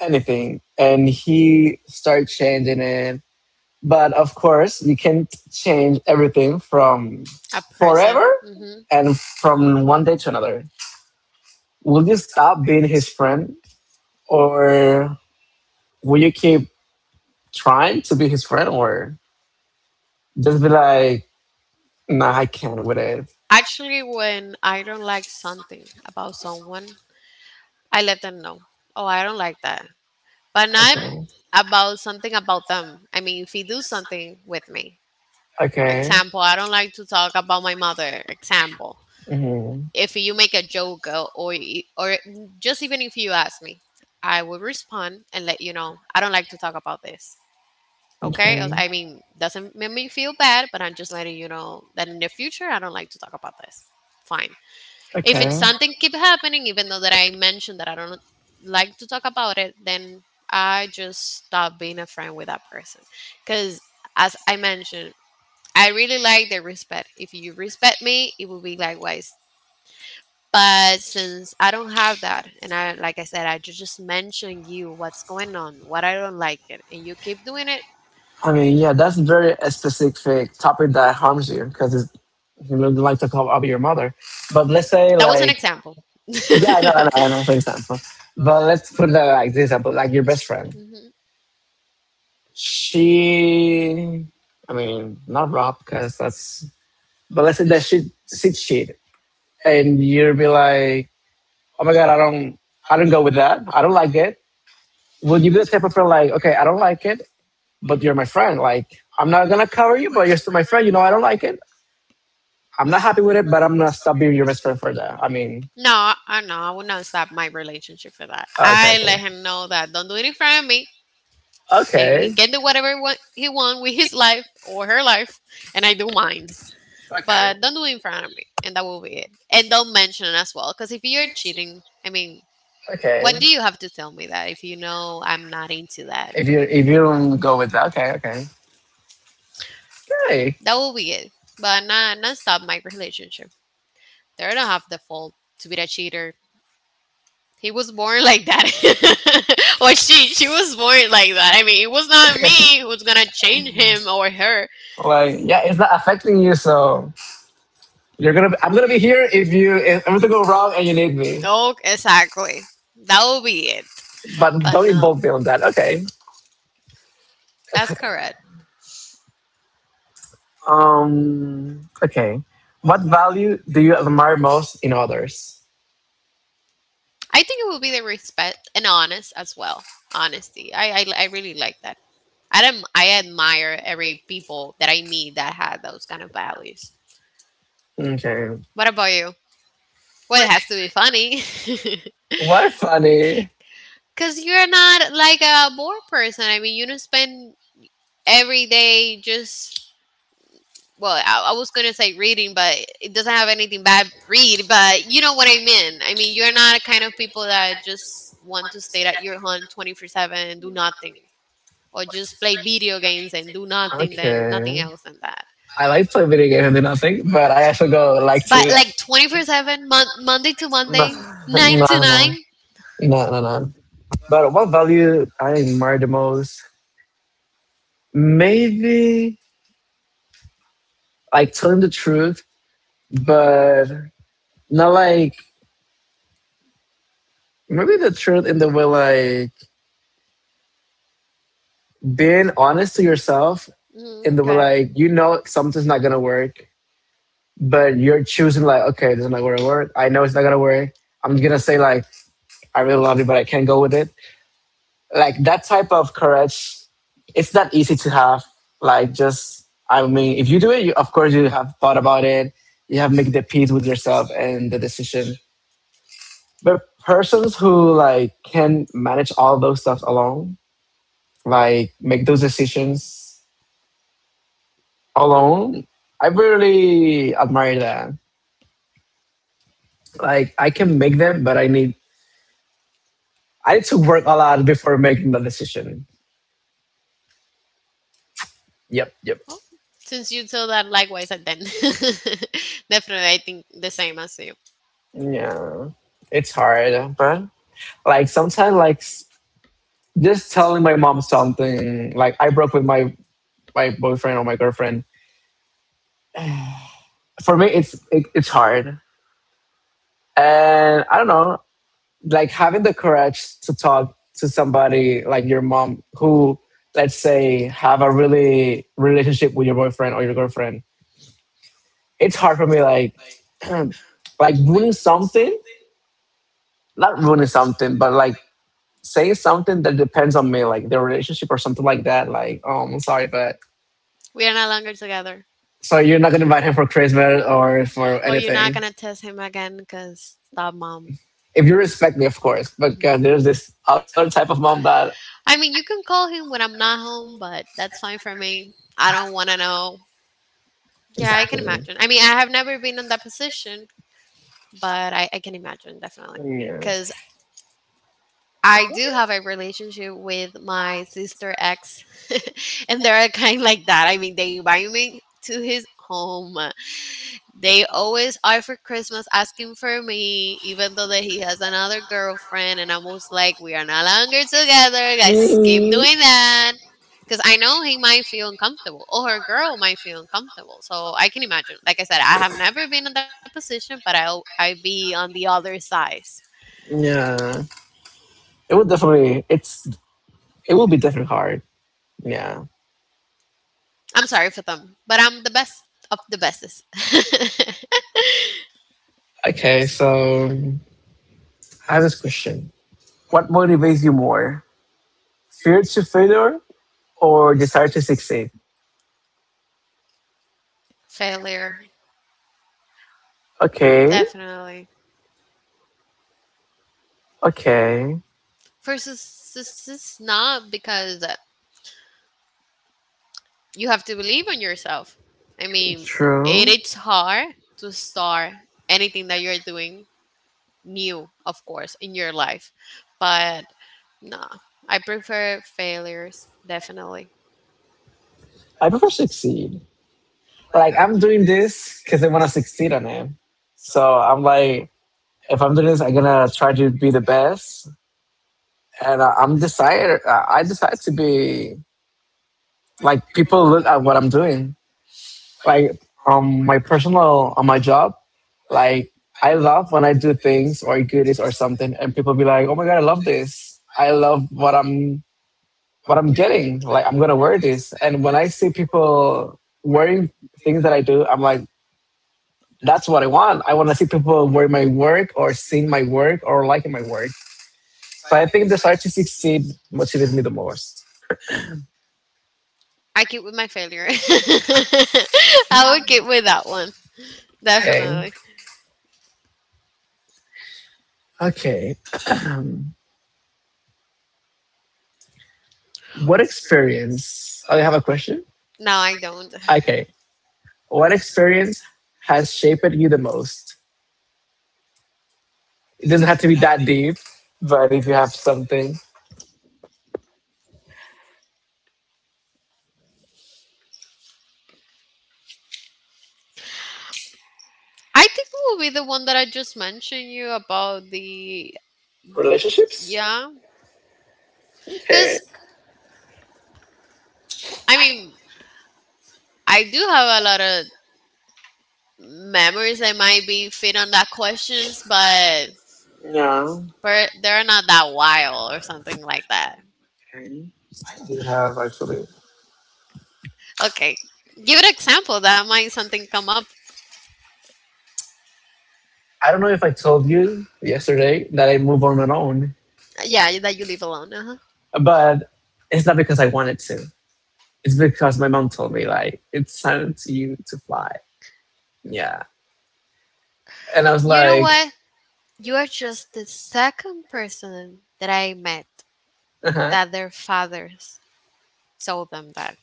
Speaker 1: anything, and he starts changing it. But of course, you can't change everything from
Speaker 2: a person.
Speaker 1: forever
Speaker 2: Hmm
Speaker 1: and from one day to another. Will you stop being his friend, or will you keep trying to be his friend, or just be like, nah, I can't with it?
Speaker 2: Actually, when I don't like something about someone, I let them know. Oh, I don't like that. But not
Speaker 1: Okay.
Speaker 2: about something about them. I mean, if you do something with me,
Speaker 1: Okay.
Speaker 2: example, I don't like to talk about my mother, example.
Speaker 1: Hmm.
Speaker 2: If you make a joke or just even if you ask me, I will respond and let you know. I don't like to talk about this. Okay? Or,
Speaker 1: Okay.
Speaker 2: I mean, doesn't make me feel bad, but I'm just letting you know that in the future I don't like to talk about this. Fine. If it's
Speaker 1: Okay.
Speaker 2: something keep happening even though that I mentioned that I don't like to talk about it, then I just stop being a friend with that person, because as I mentioned, I really like the respect. If you respect me it will be likewise, but since I don't have that, and I like I said, just mention you what's going on, what I don't like it, and you keep doing it.
Speaker 1: I mean, yeah, that's very a specific topic that harms you because you don't like to call up your mother. But let's say
Speaker 2: That was an
Speaker 1: like,
Speaker 2: example.
Speaker 1: yeah, I know, I know, I know, for example. But let's put that like this example, like your best friend.
Speaker 2: Mhm.
Speaker 1: She, I mean, not Rob because that's. But let's say that she cheated, and you'd be like, oh my god, I don't go with that. I don't like it. Would you be the type of person like, okay, I don't like it, but you're my friend. Like, I'm not gonna cover you, but you're still my friend. You know, I don't like it. I'm not happy with it, but I'm gonna stop being your best friend for that. I mean,
Speaker 2: No, I would not stop my relationship for that.
Speaker 1: okay,
Speaker 2: I
Speaker 1: okay,
Speaker 2: let him know that don't do it in front of me, and he
Speaker 1: okay,
Speaker 2: can do whatever he want with his life or her life, and I do mine.
Speaker 1: okay.
Speaker 2: But don't do it in front of me, and that will be it. And don't mention it as well, because if you're cheating, I mean,
Speaker 1: Okay.
Speaker 2: what do you have to tell me that if you know I'm not into that?
Speaker 1: If you don't go with that, okay, okay, okay.
Speaker 2: That will be it. But not stop my relationship. They don't have the fault to be a cheater. He was born like that. Or she was born like that. I mean, it was not me who's going to change him or her.
Speaker 1: Like, yeah, it's not affecting you, so you're gonna. I'm gonna be here if you if everything go wrong and you need me,
Speaker 2: No, exactly. That will be it.
Speaker 1: but
Speaker 2: But
Speaker 1: don't
Speaker 2: no.
Speaker 1: involve me on that. Okay.
Speaker 2: That's correct.
Speaker 1: Okay. What value do you admire most in others?
Speaker 2: I think it will be the respect and honest as well. Honesty. I really like that. I admire every people that I meet that have those kind of values.
Speaker 1: Okay.
Speaker 2: What about you? Well, it has to be funny.
Speaker 1: Why funny?
Speaker 2: Because you're not like a bored person. I mean, you don't spend every day just, I was going to say reading, but it doesn't have anything bad, read, but you know what I mean. I mean, you're not a kind of people that just want to stay at your home 24/7 and do nothing, or just play video games and do nothing, then nothing
Speaker 1: Okay.
Speaker 2: else than that.
Speaker 1: I like to play video games and do nothing, but I actually go like
Speaker 2: But
Speaker 1: to.
Speaker 2: like 24/7, Monday to
Speaker 1: No,
Speaker 2: Monday, 9
Speaker 1: no,
Speaker 2: to
Speaker 1: no,
Speaker 2: 9.
Speaker 1: no, no, no. But what value I admire the most? Maybe like telling the truth, but not like maybe the truth in the way like being honest to yourself
Speaker 2: Mm,
Speaker 1: in the way
Speaker 2: okay.
Speaker 1: like you know something's not gonna work but you're choosing like, okay, this is not gonna work. I know it's not gonna work. I'm gonna say like, I really love you, but I can't go with it. Like that type of courage, it's not easy to have. Like just, I mean, if you do it, you, of course you have thought about it. You have made the peace with yourself and the decision. But persons who like can manage all those stuff alone, like make those decisions alone, I really admire that. Like I can make them, but I need to work a lot before making the decision. Yep, yep.
Speaker 2: Oh, since you saw that, likewise, and then definitely, I think the same as you.
Speaker 1: Yeah, it's hard, but like sometimes, like just telling my mom something, like I broke with my boyfriend or my girlfriend. For me, it's hard, and I don't know, like having the courage to talk to somebody like your mom who let's say have a really relationship with your boyfriend or your girlfriend. It's hard for me, like ruining something, not ruining something but like say something that depends on me, like their relationship or something like that. Like, oh, I'm sorry, but
Speaker 2: We are no longer together.
Speaker 1: so you're not gonna invite him for Christmas or for
Speaker 2: Oh, you're not
Speaker 1: anything.
Speaker 2: gonna test him again, cause stop, mom.
Speaker 1: If you respect me, of course. But there's this other type of mom that
Speaker 2: I mean, you can call him when I'm not home, but that's fine for me. I don't want to know. Yeah, I can
Speaker 1: exactly.
Speaker 2: imagine. I mean, I have never been in that position, but I can imagine definitely.
Speaker 1: Yeah.
Speaker 2: Because I do have a relationship with my sister ex, and they're a kind of like that. I mean, they invite me to his home. They always are for Christmas asking for me, even though that he has another girlfriend, and I'm always like, "We are no longer together, guys. Keep
Speaker 1: Mm,
Speaker 2: doing that." Because I know he might feel uncomfortable, or her girl might feel uncomfortable. So I can imagine. Like I said, I have never been in that position, but I'll I be on the other side.
Speaker 1: yeah. It would definitely. It's. It will be definitely hard. Yeah.
Speaker 2: I'm sorry for them, but I'm the best of the bestest.
Speaker 1: Okay. So I have this question. What motivates you more? Fear to failure or desire to succeed?
Speaker 2: Failure,
Speaker 1: Okay.
Speaker 2: definitely.
Speaker 1: Okay.
Speaker 2: First, it's not because you have to believe in yourself. I mean, it
Speaker 1: True.
Speaker 2: is hard to start anything that you're doing new, of course, in your life, but no, I prefer failures definitely.
Speaker 1: I prefer succeed. Like I'm doing this because I want to succeed on it. So I'm like, if I'm doing this, I'm gonna try to be the best, and I'm decided. I decide to be like people look at what I'm doing. Like my personal on my job, like I love when I do things or goodies or something and people be like, oh my god, I love this, I love what I'm getting. Like I'm gonna wear this, and when I see people wearing things that I do, I'm like that's what I want. I want to see people wearing my work or seeing my work or liking my work. So I think the desire to succeed motivates me the most.
Speaker 2: I keep with my failure. I would keep with that one
Speaker 1: Okay.
Speaker 2: definitely.
Speaker 1: Okay. What experience, oh, you have a question?
Speaker 2: No, I don't.
Speaker 1: Okay. What experience has shaped you the most? It doesn't have to be that deep, but if you have something.
Speaker 2: I think it will be the one that I just mentioned you about the
Speaker 1: Relationships?
Speaker 2: yeah,
Speaker 1: Okay.
Speaker 2: because I mean I do have a lot of memories that might be fit on that questions, but
Speaker 1: Yeah.
Speaker 2: but they're not that wild or something like that.
Speaker 1: Okay. You have actually.
Speaker 2: Okay, give an example that might something come up.
Speaker 1: I don't know if I told you yesterday that I moved on my own,
Speaker 2: Yeah, that you live alone. Uh-huh.
Speaker 1: but it's not because I wanted to. It's because my mom told me, like it's time to you to fly. Yeah, and I was
Speaker 2: You know
Speaker 1: like,
Speaker 2: what? You are just the second person that I met
Speaker 1: uh-huh.
Speaker 2: that their fathers told them that.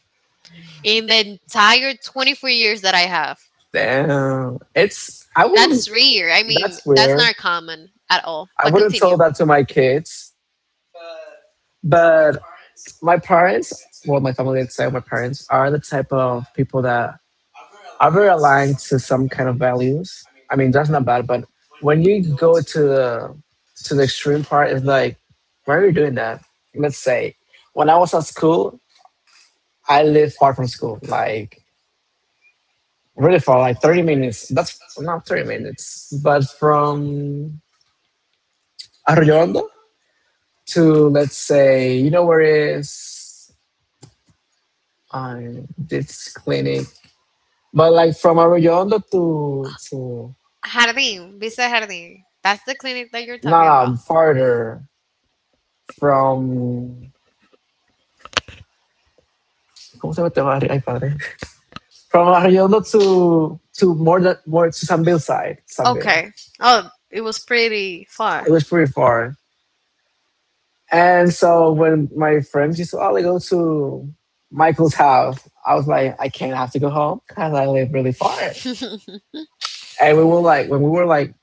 Speaker 2: In the entire 24 years that I have.
Speaker 1: Damn, it's I wouldn't.
Speaker 2: That's rare. I mean,
Speaker 1: That's
Speaker 2: that's
Speaker 1: weird.
Speaker 2: not common at all.
Speaker 1: I
Speaker 2: But
Speaker 1: wouldn't tell
Speaker 2: continue.
Speaker 1: that to my kids. But my parents, well, my family except my parents, are the type of people that are very aligned to some kind of values. I mean, that's not bad, but when you go to the extreme part, it's like, why are you doing that? Let's say, when I was at school, I lived far from school, like really far, like 30 minutes. That's not 30 minutes, but from Arroyondo to, let's say, you know where it is, this clinic. But like from Arroyondo to
Speaker 2: Jardín, Vista Jardín. That's the clinic that you're talking
Speaker 1: no, no,
Speaker 2: about.
Speaker 1: farther from ¿Cómo se llama este barrio? Ay, padre. From Arroyondo to more that more to Sanville side, Sanville.
Speaker 2: Okay. Oh, it was pretty far.
Speaker 1: It was pretty far. And so when my friends used to, oh, they go to Michael's house, I was like, I can't, have to go home because I live really far. And we were like, when we were like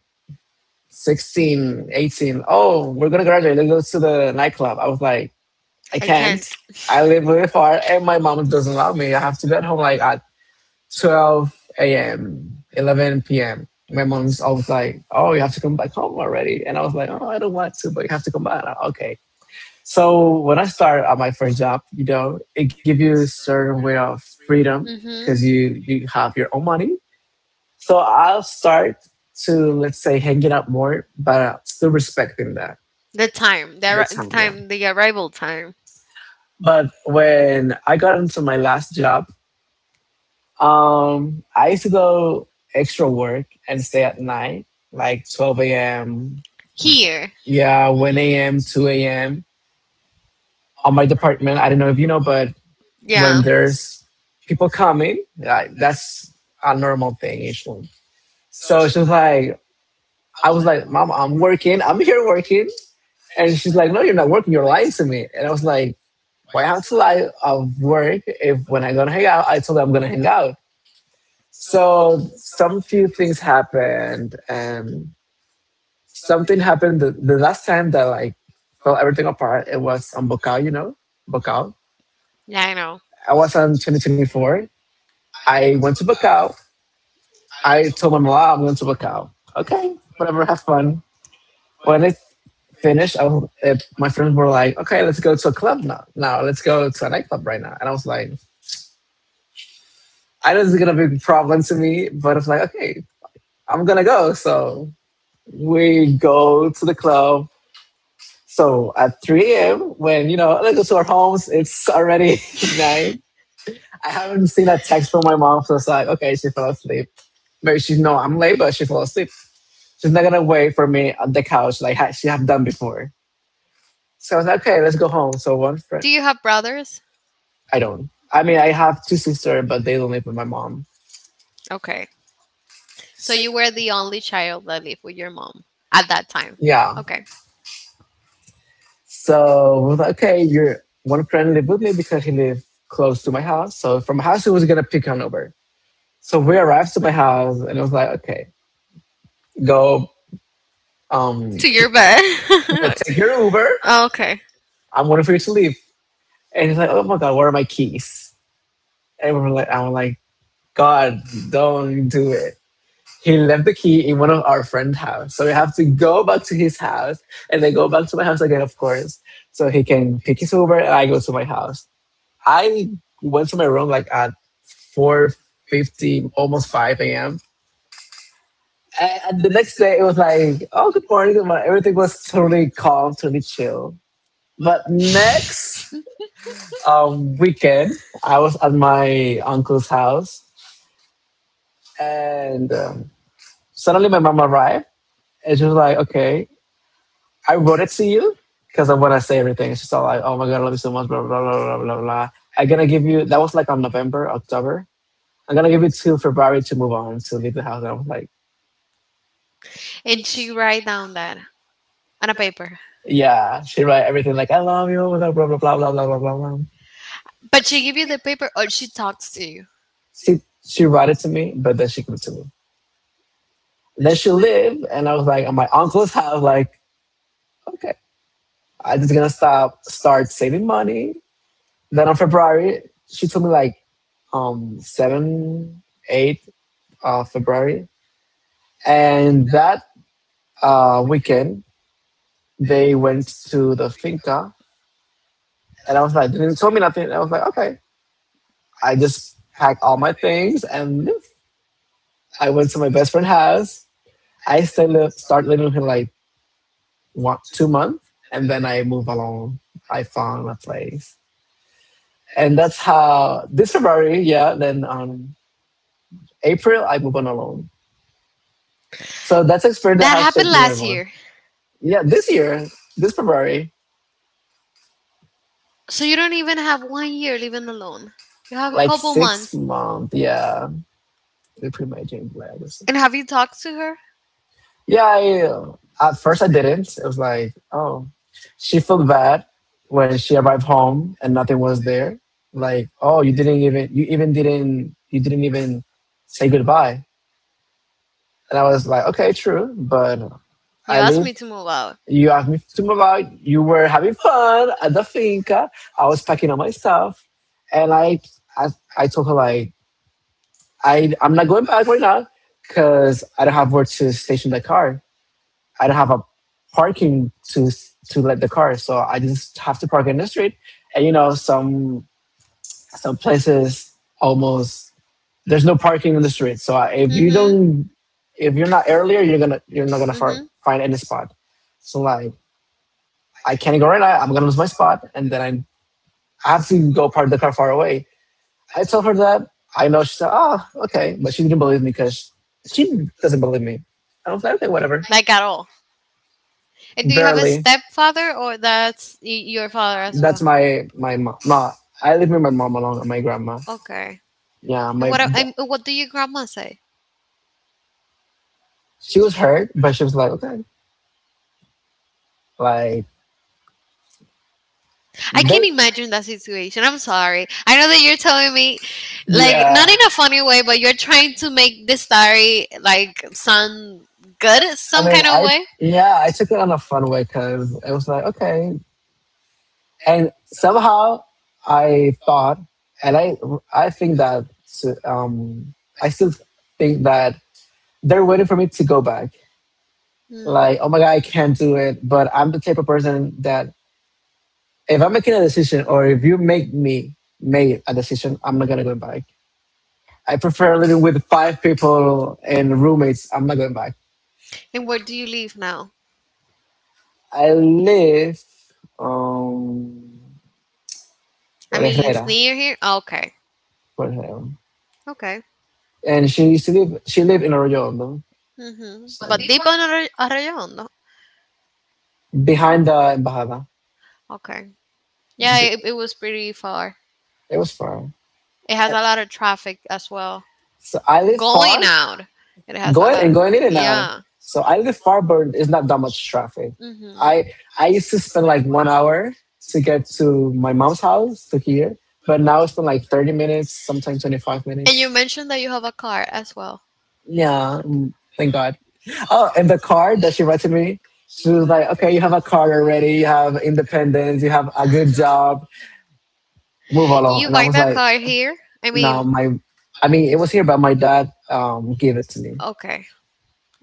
Speaker 1: 16, 18, oh, we're going to graduate. Let's go to the nightclub. I was like, I
Speaker 2: I
Speaker 1: can't.
Speaker 2: can't.
Speaker 1: I live really far and my mom doesn't allow me. I have to be at home like at 12 a.m., 11 p.m. My mom's always like, oh, you have to come back home already. And I was like, oh, I don't want to, but you have to come back. Okay. So when I started at my first job, you know, it gives you a certain way of freedom
Speaker 2: Hmm.
Speaker 1: because you have your own money, so I'll start to, let's say, hanging out more, but still respecting that
Speaker 2: The
Speaker 1: the
Speaker 2: time,
Speaker 1: time.
Speaker 2: the,
Speaker 1: Yeah. That's
Speaker 2: arri- the
Speaker 1: how I am.
Speaker 2: time, the arrival time
Speaker 1: But when I got into my last job, I used to go extra work and stay at night, like 12 a.m.
Speaker 2: here.
Speaker 1: Yeah, one a.m., two a.m. On my department, I don't know if you know, but when
Speaker 2: Yeah.
Speaker 1: there's people coming, like that's a normal thing. Each one. So it's just like I was like, "Mom, I'm working. I'm here working." And she's like, "No, you're not working. You're lying to me." And I was like, "Why have to lie of work if when I go to hang out, I told her I'm gonna hang out." So some few things happened, and something happened the last time that like fell everything apart. It was on Bocao, you know, Bocao.
Speaker 2: Yeah, I know.
Speaker 1: I was on 2024. I went to Bocao. I told my mom, "I'm going to Bocao." Okay, whatever, have fun. When it's finished, I was, it, my friends were like, okay, let's go to a club now. Now let's go to a nightclub right now. And I was like, I know this is going to be a problem to me, but it's like, okay, I'm going to go. So we go to the club. So at 3 a.m., when, you know, let's go to our homes, it's already 9. I haven't seen a text from my mom. So it's like, okay, she fell asleep. Maybe she know I'm late, but she fell asleep. She's not going to wait for me on the couch like she have done before. So I was like, okay, let's go home. So one friend,
Speaker 2: Do you have brothers?
Speaker 1: I don't. I mean, I have two sisters, but they don't live with my mom.
Speaker 2: Okay. So you were the only child that lived with your mom at that time.
Speaker 1: Yeah.
Speaker 2: Okay.
Speaker 1: So we're like, okay, your one friend lived with me because he lived close to my house. So from my house, he was gonna pick on over. So we arrived to my house, and I was like, okay, go, no,
Speaker 2: To your bed.
Speaker 1: take your Uber.
Speaker 2: I'll Uber. okay.
Speaker 1: I'm waiting for you to leave. And he's like, oh my god, where are my keys? And we're like, I'm like, God, don't do it. He left the key in one of our friend's house. So we have to go back to his house and then go back to my house again, of course. So he can pick his Uber and I go to my house. I went to my room like at 4:50, almost 5 a.m. And the next day it was like, oh, good morning, good morning. Everything was totally calm, totally chill. But next weekend, I was at my uncle's house and suddenly my mom arrived and she was like, okay. I wrote it to you because I want to say everything. She's all like, "Oh my god, I love you so much." Blah blah blah blah blah blah. I'm gonna give you. That was like on November, October. I'm gonna give you till February to move on to leave the house. And I was like,
Speaker 2: And she write down that on a paper.
Speaker 1: "Yeah." She wrote everything like, "I love you." Blah blah blah blah blah blah blah blah.
Speaker 2: But she give you the paper or she talks to you.
Speaker 1: She she wrote it to me, but then she gave it to me. Then she lived, and I was like, at my uncle's house. Like, okay, I'm just gonna stop, start saving money. Then on February, she told me like seven, eight of February. And that weekend, they went to the finca, and I was like, they didn't tell me nothing. I was like, okay. I just packed all my things, and yeah, I went to my best friend's house. I stayed, li- started living with him like one, 2 months, and then I moved along. I found a place, and that's how this February, yeah. Then April, I moved on alone. So that's experience that
Speaker 2: That
Speaker 1: has
Speaker 2: happened
Speaker 1: shaped me.
Speaker 2: last
Speaker 1: Ever.
Speaker 2: year.
Speaker 1: Yeah, this year, this February,
Speaker 2: So you don't even have one year living alone. You have a like
Speaker 1: like
Speaker 2: couple six
Speaker 1: six
Speaker 2: months.
Speaker 1: months, yeah. They put my James Black. It's
Speaker 2: And
Speaker 1: like,
Speaker 2: have you talked to her?
Speaker 1: yeah, I, at first I didn't. It was like, oh, she felt bad when she arrived home and nothing was there. Like, oh, you didn't even, you even didn't, you didn't even say goodbye. And I was like, okay, true, but
Speaker 2: You
Speaker 1: I
Speaker 2: asked
Speaker 1: leave.
Speaker 2: me to move out.
Speaker 1: You asked me to move out. You were having fun at the finca. I was packing up my stuff, and I, I told her like, I'm not going back right now because I don't have where to station the car. I don't have a parking to s- to let the car, so I just have to park in the street. And you know, some places almost there's no parking in the street. So I- if you
Speaker 2: Mhm.
Speaker 1: don't, if you're not earlier, you're gonna you're not gonna
Speaker 2: Mm-hmm.
Speaker 1: find any spot. So like I can't go right now. I'm gonna lose my spot, and then I have to go park the car far away. I tell her that. I know she said, "Oh, okay," but she didn't believe me because she doesn't believe me. I was like, "Okay, whatever."
Speaker 2: Like at all. And do you have a
Speaker 1: Barely.
Speaker 2: stepfather or that's your father as
Speaker 1: That's
Speaker 2: well?
Speaker 1: my mom. Ma, I live with my mom along with my grandma.
Speaker 2: Grandma. Okay.
Speaker 1: Yeah,
Speaker 2: And what and what do your grandma say?
Speaker 1: she was hurt, but she was like, okay, like
Speaker 2: I
Speaker 1: they,
Speaker 2: can't imagine that situation. I'm sorry. I know that you're telling me, like, not
Speaker 1: yeah.
Speaker 2: in a funny way, but you're trying to make this story like sound good
Speaker 1: I
Speaker 2: some
Speaker 1: mean,
Speaker 2: kind of
Speaker 1: I
Speaker 2: way.
Speaker 1: yeah, I took it on a fun way because it was like, okay, and somehow I thought, and I think that um I still think that they're waiting for me to go back.
Speaker 2: Hmm.
Speaker 1: Like, oh my God, I can't do it. But I'm the type of person that if I'm making a decision or if you make me make a decision, I'm not gonna go back. I prefer living with five people and roommates. I'm not going back.
Speaker 2: And where do you live now?
Speaker 1: I live um
Speaker 2: I
Speaker 1: por
Speaker 2: mean, it's
Speaker 1: Herrera,
Speaker 2: near here. Oh, okay.
Speaker 1: por Herrera.
Speaker 2: Okay.
Speaker 1: And she lived in Arroyo Hondo,
Speaker 2: Mhm. But deep on Arroyondo.
Speaker 1: behind the embajada.
Speaker 2: Okay. Yeah, it was pretty far.
Speaker 1: It was far.
Speaker 2: It has a lot of traffic as well.
Speaker 1: So I live
Speaker 2: Going
Speaker 1: far.
Speaker 2: out, it has a
Speaker 1: Going
Speaker 2: lot
Speaker 1: and
Speaker 2: of,
Speaker 1: going in and out.
Speaker 2: yeah.
Speaker 1: So I live far, but it's not that much traffic.
Speaker 2: Mhm.
Speaker 1: I I used to spend like 1 hour to get to my mom's house to here, but now it's been like 30 minutes, sometimes twenty five
Speaker 2: And you
Speaker 1: minutes.
Speaker 2: mentioned that you have a car as well.
Speaker 1: Yeah, thank God. Oh, and the card that she read to me, she was like, "Okay, you have a card already. You have independence. You have a good job. Move along."
Speaker 2: You
Speaker 1: And I
Speaker 2: buy
Speaker 1: was
Speaker 2: that
Speaker 1: like,
Speaker 2: car here? I
Speaker 1: "No,
Speaker 2: mean,
Speaker 1: my, I mean, it was here, but my dad gave it to me."
Speaker 2: okay,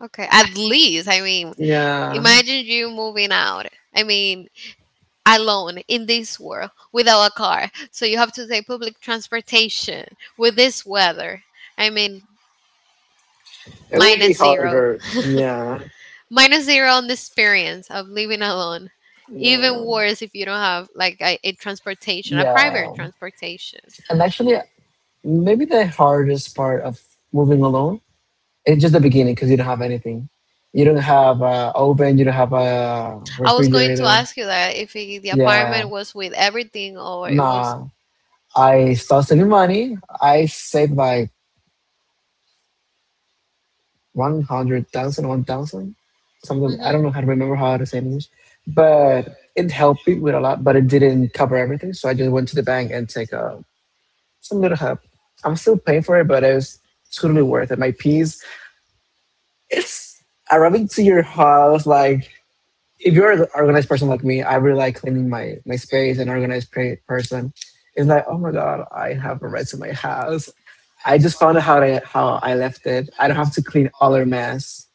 Speaker 2: okay. At least, I mean,
Speaker 1: Yeah.
Speaker 2: imagine you moving out. I mean, alone in this world without a car. So you have to take public transportation with this weather. I mean,
Speaker 1: It will be
Speaker 2: minus zero.
Speaker 1: harder. Yeah.
Speaker 2: Minus zero on the experience of living alone.
Speaker 1: Yeah.
Speaker 2: Even worse if you don't have like a transportation, a
Speaker 1: Yeah.
Speaker 2: private transportation.
Speaker 1: And actually, maybe the hardest part of moving alone is just the beginning because you don't have anything. You don't have a oven, you don't have a
Speaker 2: I was going to
Speaker 1: refrigerator.
Speaker 2: ask you that if the
Speaker 1: Yeah.
Speaker 2: apartment was with everything, or it was.
Speaker 1: Nah. I start saving money. I saved like 100,000, 1,000, something. I
Speaker 2: hmm
Speaker 1: don't know how to remember how to say it in English, but it helped me with a lot, but it didn't cover everything. So I just went to the bank and take a some little help. I'm still paying for it, but it was totally worth it. My piece, it's arriving to your house. Like, if you're an organized person like me, I really like cleaning my space and person. It's like, oh my God, I have a rest in my house. I just found out how I left it. I don't have to clean all her mess.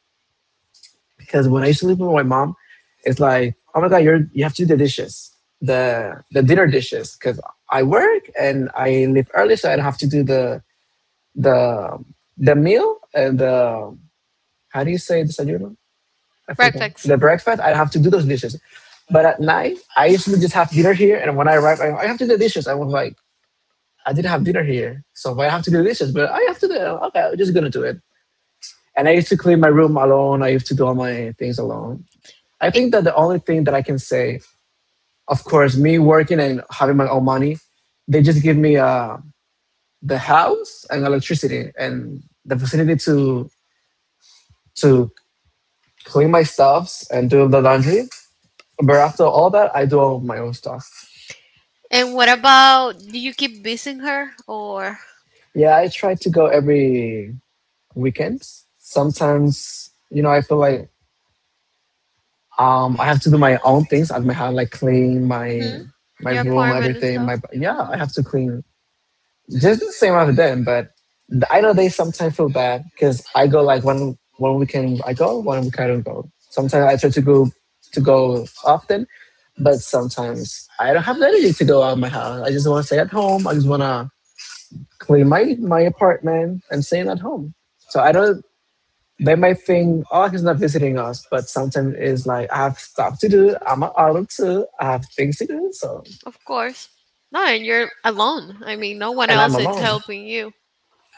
Speaker 1: Because when I used to live with my mom, it's like, oh my God, you're, you have to do the dishes, the dinner dishes. Because I work and I leave early, so I don't have to do the the the meal and the how do you say desayuno? I forgot
Speaker 2: Breakfast.
Speaker 1: the breakfast. I have to do those dishes, but at night I usually just have dinner here, and when I arrive, I have to do the dishes. I was like, I didn't have dinner here, so why I have to do the dishes? But I have to do it. Okay, I'm just gonna do it. And I used to clean my room alone. I used to do all my things alone. I
Speaker 2: I-
Speaker 1: think that the only thing that I can say, of course, me working and having my own money, they just give me the house and electricity and the facility to clean my stuffs and do the laundry. But after all that, I do all of my own stuff.
Speaker 2: And what about, do you keep visiting her, or
Speaker 1: Yeah, I try to go every weekend. Sometimes, you know, I feel like I have to do my own things at my house, like clean my
Speaker 2: Mhm.
Speaker 1: my
Speaker 2: your
Speaker 1: room,
Speaker 2: apartment and
Speaker 1: everything. My
Speaker 2: stuff? Hmm.
Speaker 1: yeah, I have to clean just do the same as them. But I know they sometimes feel bad because I go like one weekend I go, one weekend I don't go. Sometimes I try to go often, but sometimes I don't have the energy to go out of my house. I just want to stay at home. I just want to clean my apartment and staying at home. So I don't. They might think, oh, he's not visiting us, but sometimes it's like I have stuff to do. I'm an adult too. I have things to do. So
Speaker 2: Of course. No, and you're alone. I mean, no one
Speaker 1: and I'm
Speaker 2: else is
Speaker 1: alone.
Speaker 2: helping you.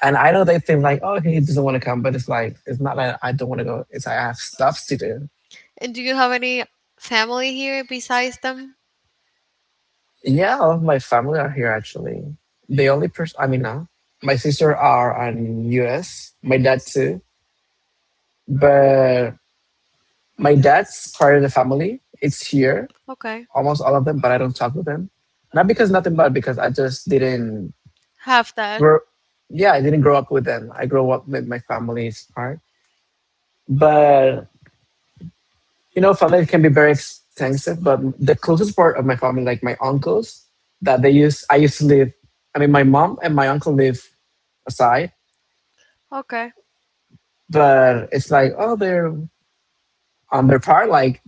Speaker 1: And I know they think like, oh, he doesn't want to come, but it's like it's not that I don't want to go. It's like I have stuff to do.
Speaker 2: And do you have any family here besides them?
Speaker 1: Yeah, all of my family are here actually. The only person, I mean, my sister are in US. My dad too, but my dad's part of the family. It's here,
Speaker 2: Okay,
Speaker 1: almost all of them, but I don't talk with them. Not because nothing, but because I just didn't
Speaker 2: have that.
Speaker 1: grow. Yeah, I didn't grow up with them. I grew up with my family's part, but you know, family can be very extensive, but the closest part of my family, like my uncles, that they use, I used to live. I mean, my mom and my uncle live aside,
Speaker 2: Okay,
Speaker 1: but it's like, oh, they're on their part. Like,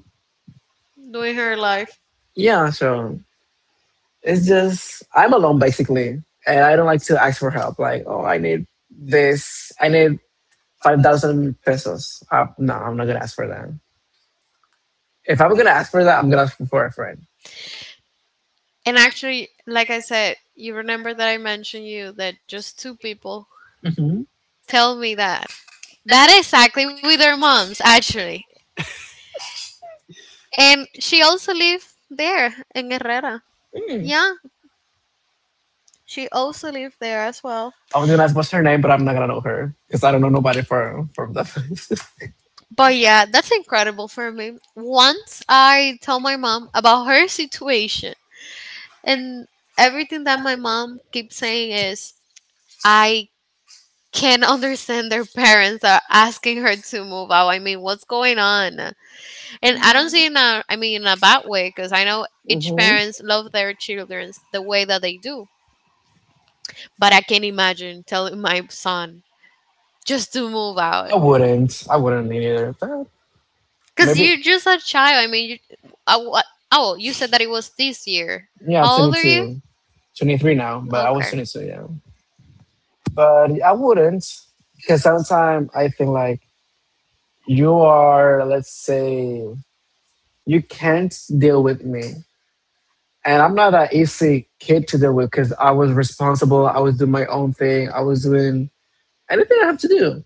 Speaker 2: doing her life.
Speaker 1: yeah, so it's just, I'm alone basically. And I don't like to ask for help. Like, oh, I need this. I need 5,000 pesos. No, I'm not going to ask for that. If I'm going to ask for that, I'm going to ask for a friend.
Speaker 2: And actually, like I said, you remember that I mentioned you that just two people
Speaker 1: Hmm.
Speaker 2: tell me that. That exactly with their moms, actually. And she also lived there in Herrera. Yeah, she also lived there as well.
Speaker 1: I was gonna ask what's her name, but I'm not gonna know her because I don't know nobody from that place.
Speaker 2: But yeah, that's incredible for me. Once I tell my mom about her situation, and everything that my mom keeps saying is, I can't understand their parents are asking her to move out. I mean, what's going on? And I don't see it in a, I mean, in a bad way, because I know each
Speaker 1: Hmm.
Speaker 2: parents love their children the way that they do. But I can't imagine telling my son just to move out?
Speaker 1: I wouldn't. I wouldn't either. But
Speaker 2: Because
Speaker 1: maybe
Speaker 2: you're just a child. I mean, you, what? Oh, you said that it was this year.
Speaker 1: yeah, I'm
Speaker 2: How old are you?
Speaker 1: 22, 23 now, but I was
Speaker 2: Okay.
Speaker 1: 22, yeah. But I wouldn't because sometimes I think like you are, let's say, you can't deal with me. And I'm not that easy kid to deal with because I was responsible. I was doing my own thing. I was doing anything I have to do.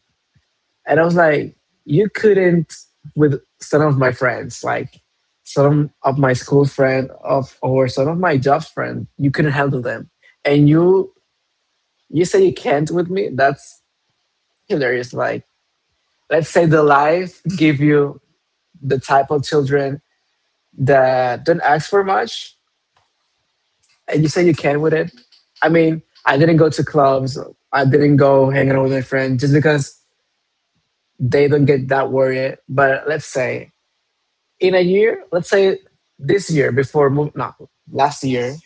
Speaker 1: And I was like, you couldn't with some of my friends, like some of my school friend of or some of my job friend, you couldn't handle them. And you say you can't with me? That's hilarious. Like, let's say the life give you the type of children that don't ask for much and you say you can with it. I mean, I didn't go to clubs, I didn't go hanging out with my friends just because they don't get that worried. But let's say in a year, let's say this year before move, no, last year,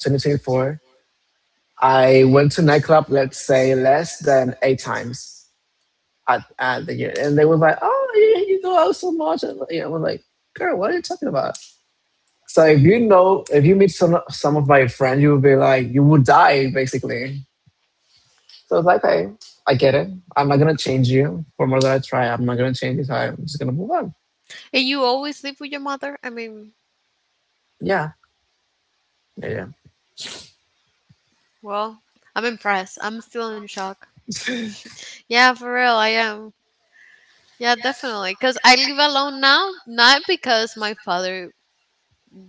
Speaker 1: 2024, I went to nightclub, let's say less than eight times at the year. And they was like, oh, you go out so much. And you know, I was like, girl, what are you talking about? So if you know, if you meet some of my friends, you would be like, you would die basically. So it's like, okay, I get it. I'm not going to change you for more than I try. I'm not going to change you. So I'm just going to move on.
Speaker 2: And you always live with your mother? I mean,
Speaker 1: Yeah. Yeah.
Speaker 2: well, I'm impressed. I'm still in shock. Yeah, for real, I am. Yeah, definitely. Because I live alone now, not because my father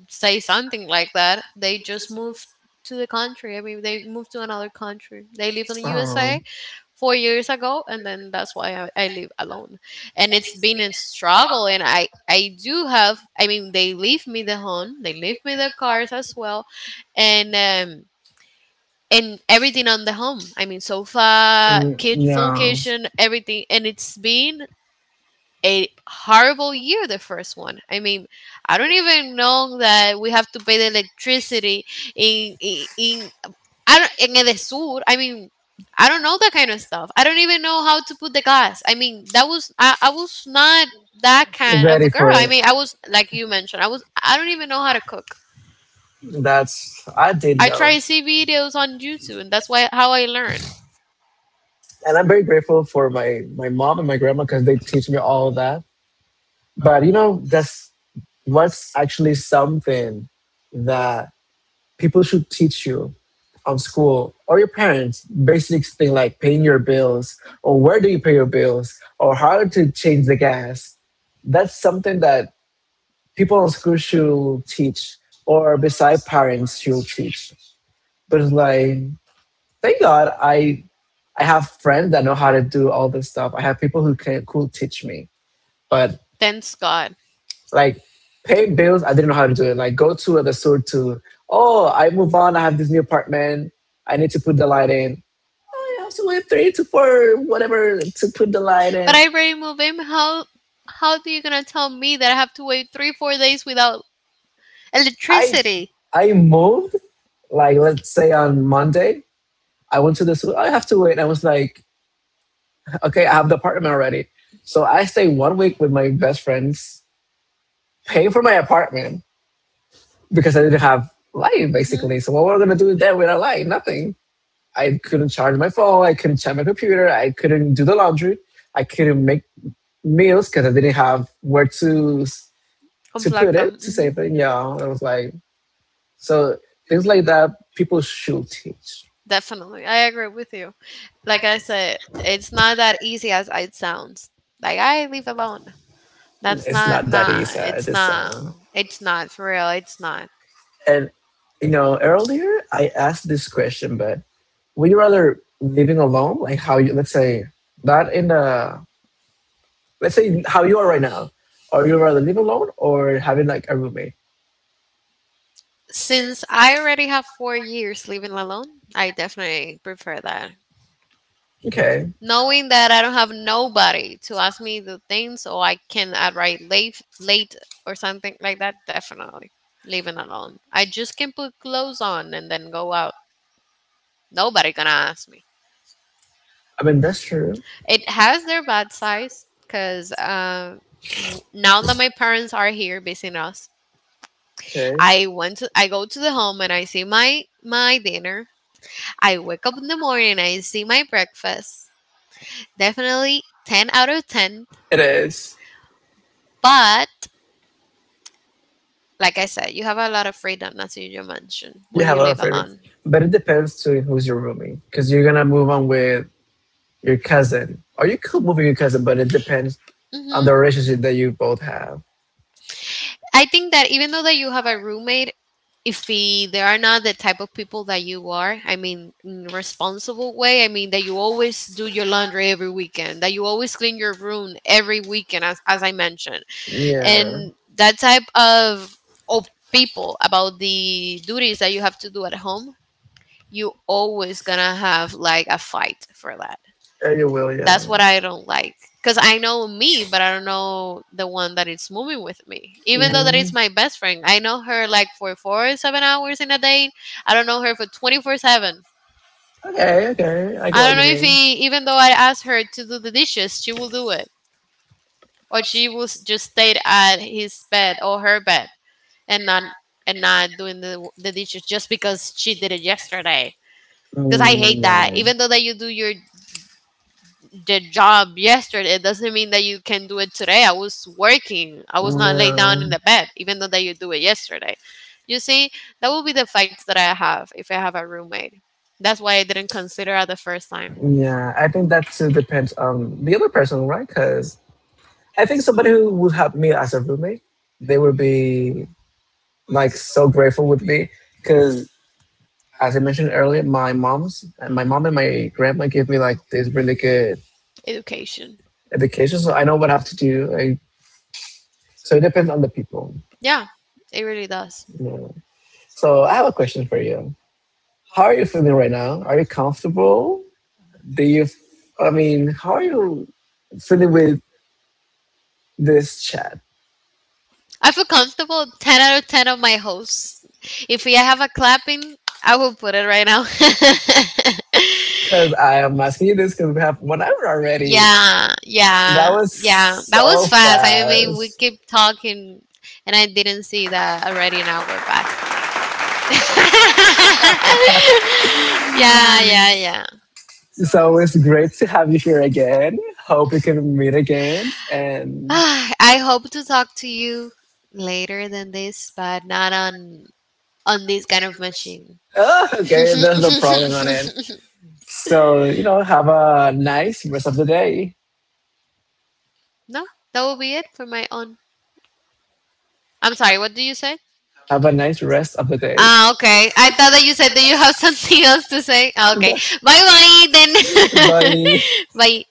Speaker 2: say something like that. They just moved to the country. I mean, they moved to another country. They lived in the
Speaker 1: Yeah. Oh.
Speaker 2: USA 4 years ago, and then that's why I live alone, and it's been a struggle. And I do have, I mean, they leave me the home, they leave me the cars as well, and um and everything on the home. I mean, sofa
Speaker 1: Mm,
Speaker 2: kit, full
Speaker 1: yeah.
Speaker 2: kitchen, everything. And it's been a horrible year, the first one. I mean, I don't even know that we have to pay the electricity in I don't in the sur. I mean, I don't know that kind of stuff. I don't even know how to put the glass. I mean, that was I was not that kind of a
Speaker 1: Ready
Speaker 2: girl.
Speaker 1: for
Speaker 2: I
Speaker 1: it.
Speaker 2: mean, I was like you mentioned. I don't even know how to cook.
Speaker 1: That's I did
Speaker 2: I
Speaker 1: though,
Speaker 2: try to see videos on YouTube, and that's why how I learned.
Speaker 1: and I'm very grateful for my mom and my grandma because they teach me all of that. But you know, that's what's actually something that people should teach you on school or your parents. Basic thing like paying your bills, or where do you pay your bills, or how to change the gas. That's something that people on school should teach or beside parents should teach, but it's like, thank God, I have friends that know how to do all this stuff. I have people who can could teach me. But
Speaker 2: Thanks God.
Speaker 1: like, pay bills, I didn't know how to do it. Like, go to the store to oh, I move on. I have this new apartment. I need to put the light in. Oh, I have to wait three to four whatever to put the light
Speaker 2: But
Speaker 1: in.
Speaker 2: I already moved in. How are you gonna tell me that I have to wait 3 4 days without
Speaker 1: i
Speaker 2: electricity?
Speaker 1: i moved, like, let's say, on Monday. I went to this. I have to wait. And I was like, okay, I have the apartment already. So I stay 1 week with my best friends, paying for my apartment because I didn't have light
Speaker 2: Hmm.
Speaker 1: basically. So what were we gonna do then without light? Nothing. I couldn't charge my phone. I couldn't charge my computer. I couldn't do the laundry. I couldn't make meals because I didn't have where to
Speaker 2: Unplug
Speaker 1: put
Speaker 2: them.
Speaker 1: it to
Speaker 2: Hmm.
Speaker 1: save it. Yeah, it was like so things like that. People should teach.
Speaker 2: Definitely. I agree with you. Like I said, it's not that easy as it sounds. Like I leave alone. That's
Speaker 1: It's
Speaker 2: not
Speaker 1: not that
Speaker 2: nah,
Speaker 1: easy.
Speaker 2: it's
Speaker 1: It's
Speaker 2: not it's not for real, it's not.
Speaker 1: and you know, earlier I asked this question, but would you rather living alone, like how you, let's say not in the, let's say how you are right now, or you rather live alone or having like a roommate?
Speaker 2: Since I already have 4 years living alone, I definitely prefer that,
Speaker 1: Okay,
Speaker 2: knowing that I don't have nobody to ask me the things, or I can arrive late or something like that, definitely leaving alone. I just can put clothes on and then go out. Nobody gonna ask me.
Speaker 1: I mean that's true.
Speaker 2: It has their bad sides because now that my parents are here visiting us,
Speaker 1: Okay,
Speaker 2: I go to the home and I see my dinner. I wake up in the morning, I see my breakfast. Definitely 10 out of 10.
Speaker 1: it is.
Speaker 2: But like I said, you have a lot of freedom, as you just mentioned,
Speaker 1: You
Speaker 2: when
Speaker 1: have
Speaker 2: you
Speaker 1: a lot
Speaker 2: live
Speaker 1: of freedom,
Speaker 2: alone.
Speaker 1: but it depends to who's your roommate because you're gonna move on with your cousin, or you could move with your cousin, but it depends on
Speaker 2: Hmm.
Speaker 1: the relationship that you both have.
Speaker 2: I think that even though that you have a roommate, if he, they are not the type of people that you are, I mean, in a responsible way, I mean that you always do your laundry every weekend, that you always clean your room every weekend, as I mentioned,
Speaker 1: Yeah,
Speaker 2: and that type of people about the duties that you have to do at home, you always gonna have like a fight for that.
Speaker 1: yeah you will. Yeah.
Speaker 2: That's what I don't like. Because I know me, but I don't know the one that is moving with me. Even though that
Speaker 1: Mm,
Speaker 2: is my best friend, I know her like for 4 or 7 hours in a day. I don't know her for 24/7.
Speaker 1: okay, okay, I get
Speaker 2: I
Speaker 1: what
Speaker 2: don't
Speaker 1: you
Speaker 2: know if
Speaker 1: mean.
Speaker 2: he, even though I asked her to do the dishes, she will do it. Or she will just stay at his bed or her bed, and not and not doing the dishes just because she did it yesterday. Because I hate that.
Speaker 1: Mm,
Speaker 2: Even though that you do your the job yesterday, it doesn't mean that you can do it today. I was working, I was
Speaker 1: no,
Speaker 2: not laid down
Speaker 1: no,
Speaker 2: in the bed even though that you do it yesterday. You see, that will be the fights that I have if I have a roommate. That's why I didn't consider at the first time.
Speaker 1: yeah. I think that too depends on the other person, right? Because I think somebody who would have me as a roommate, they would be like so grateful with me. Because as I mentioned earlier, my mom's and my mom and my grandma gave me like this really good
Speaker 2: Education.
Speaker 1: education, so I know what I have to do. Like, so it depends on the people.
Speaker 2: Yeah, it really does.
Speaker 1: You know. So I have a question for you. How are you feeling right now? Are you comfortable? Do you, I mean, how are you feeling with this chat?
Speaker 2: I feel comfortable. 10 out of 10 of my hosts. If we have a clapping, I will put it right now.
Speaker 1: Because I am asking you this because we have 1 hour already.
Speaker 2: Yeah,
Speaker 1: Yeah. That
Speaker 2: yeah,
Speaker 1: was,
Speaker 2: yeah.
Speaker 1: yeah, so
Speaker 2: That
Speaker 1: that
Speaker 2: was
Speaker 1: was
Speaker 2: fast. I mean, we
Speaker 1: fast.
Speaker 2: keep talking, and I didn't see that already an hour passed. Yeah, yeah, yeah.
Speaker 1: So it's great to have you here again. Hope we can meet again. And
Speaker 2: Ah, I hope to talk to you later than this, but not on this kind of machine.
Speaker 1: oh, okay, there's no problem on it. So, you know, have a nice rest of the day.
Speaker 2: No, that will be it for my own. I'm sorry, what do you say?
Speaker 1: Have a nice rest of the day.
Speaker 2: Ah, okay. I thought that you said that you have something else to say. Ah, okay. Bye bye then.
Speaker 1: Bye.
Speaker 2: bye.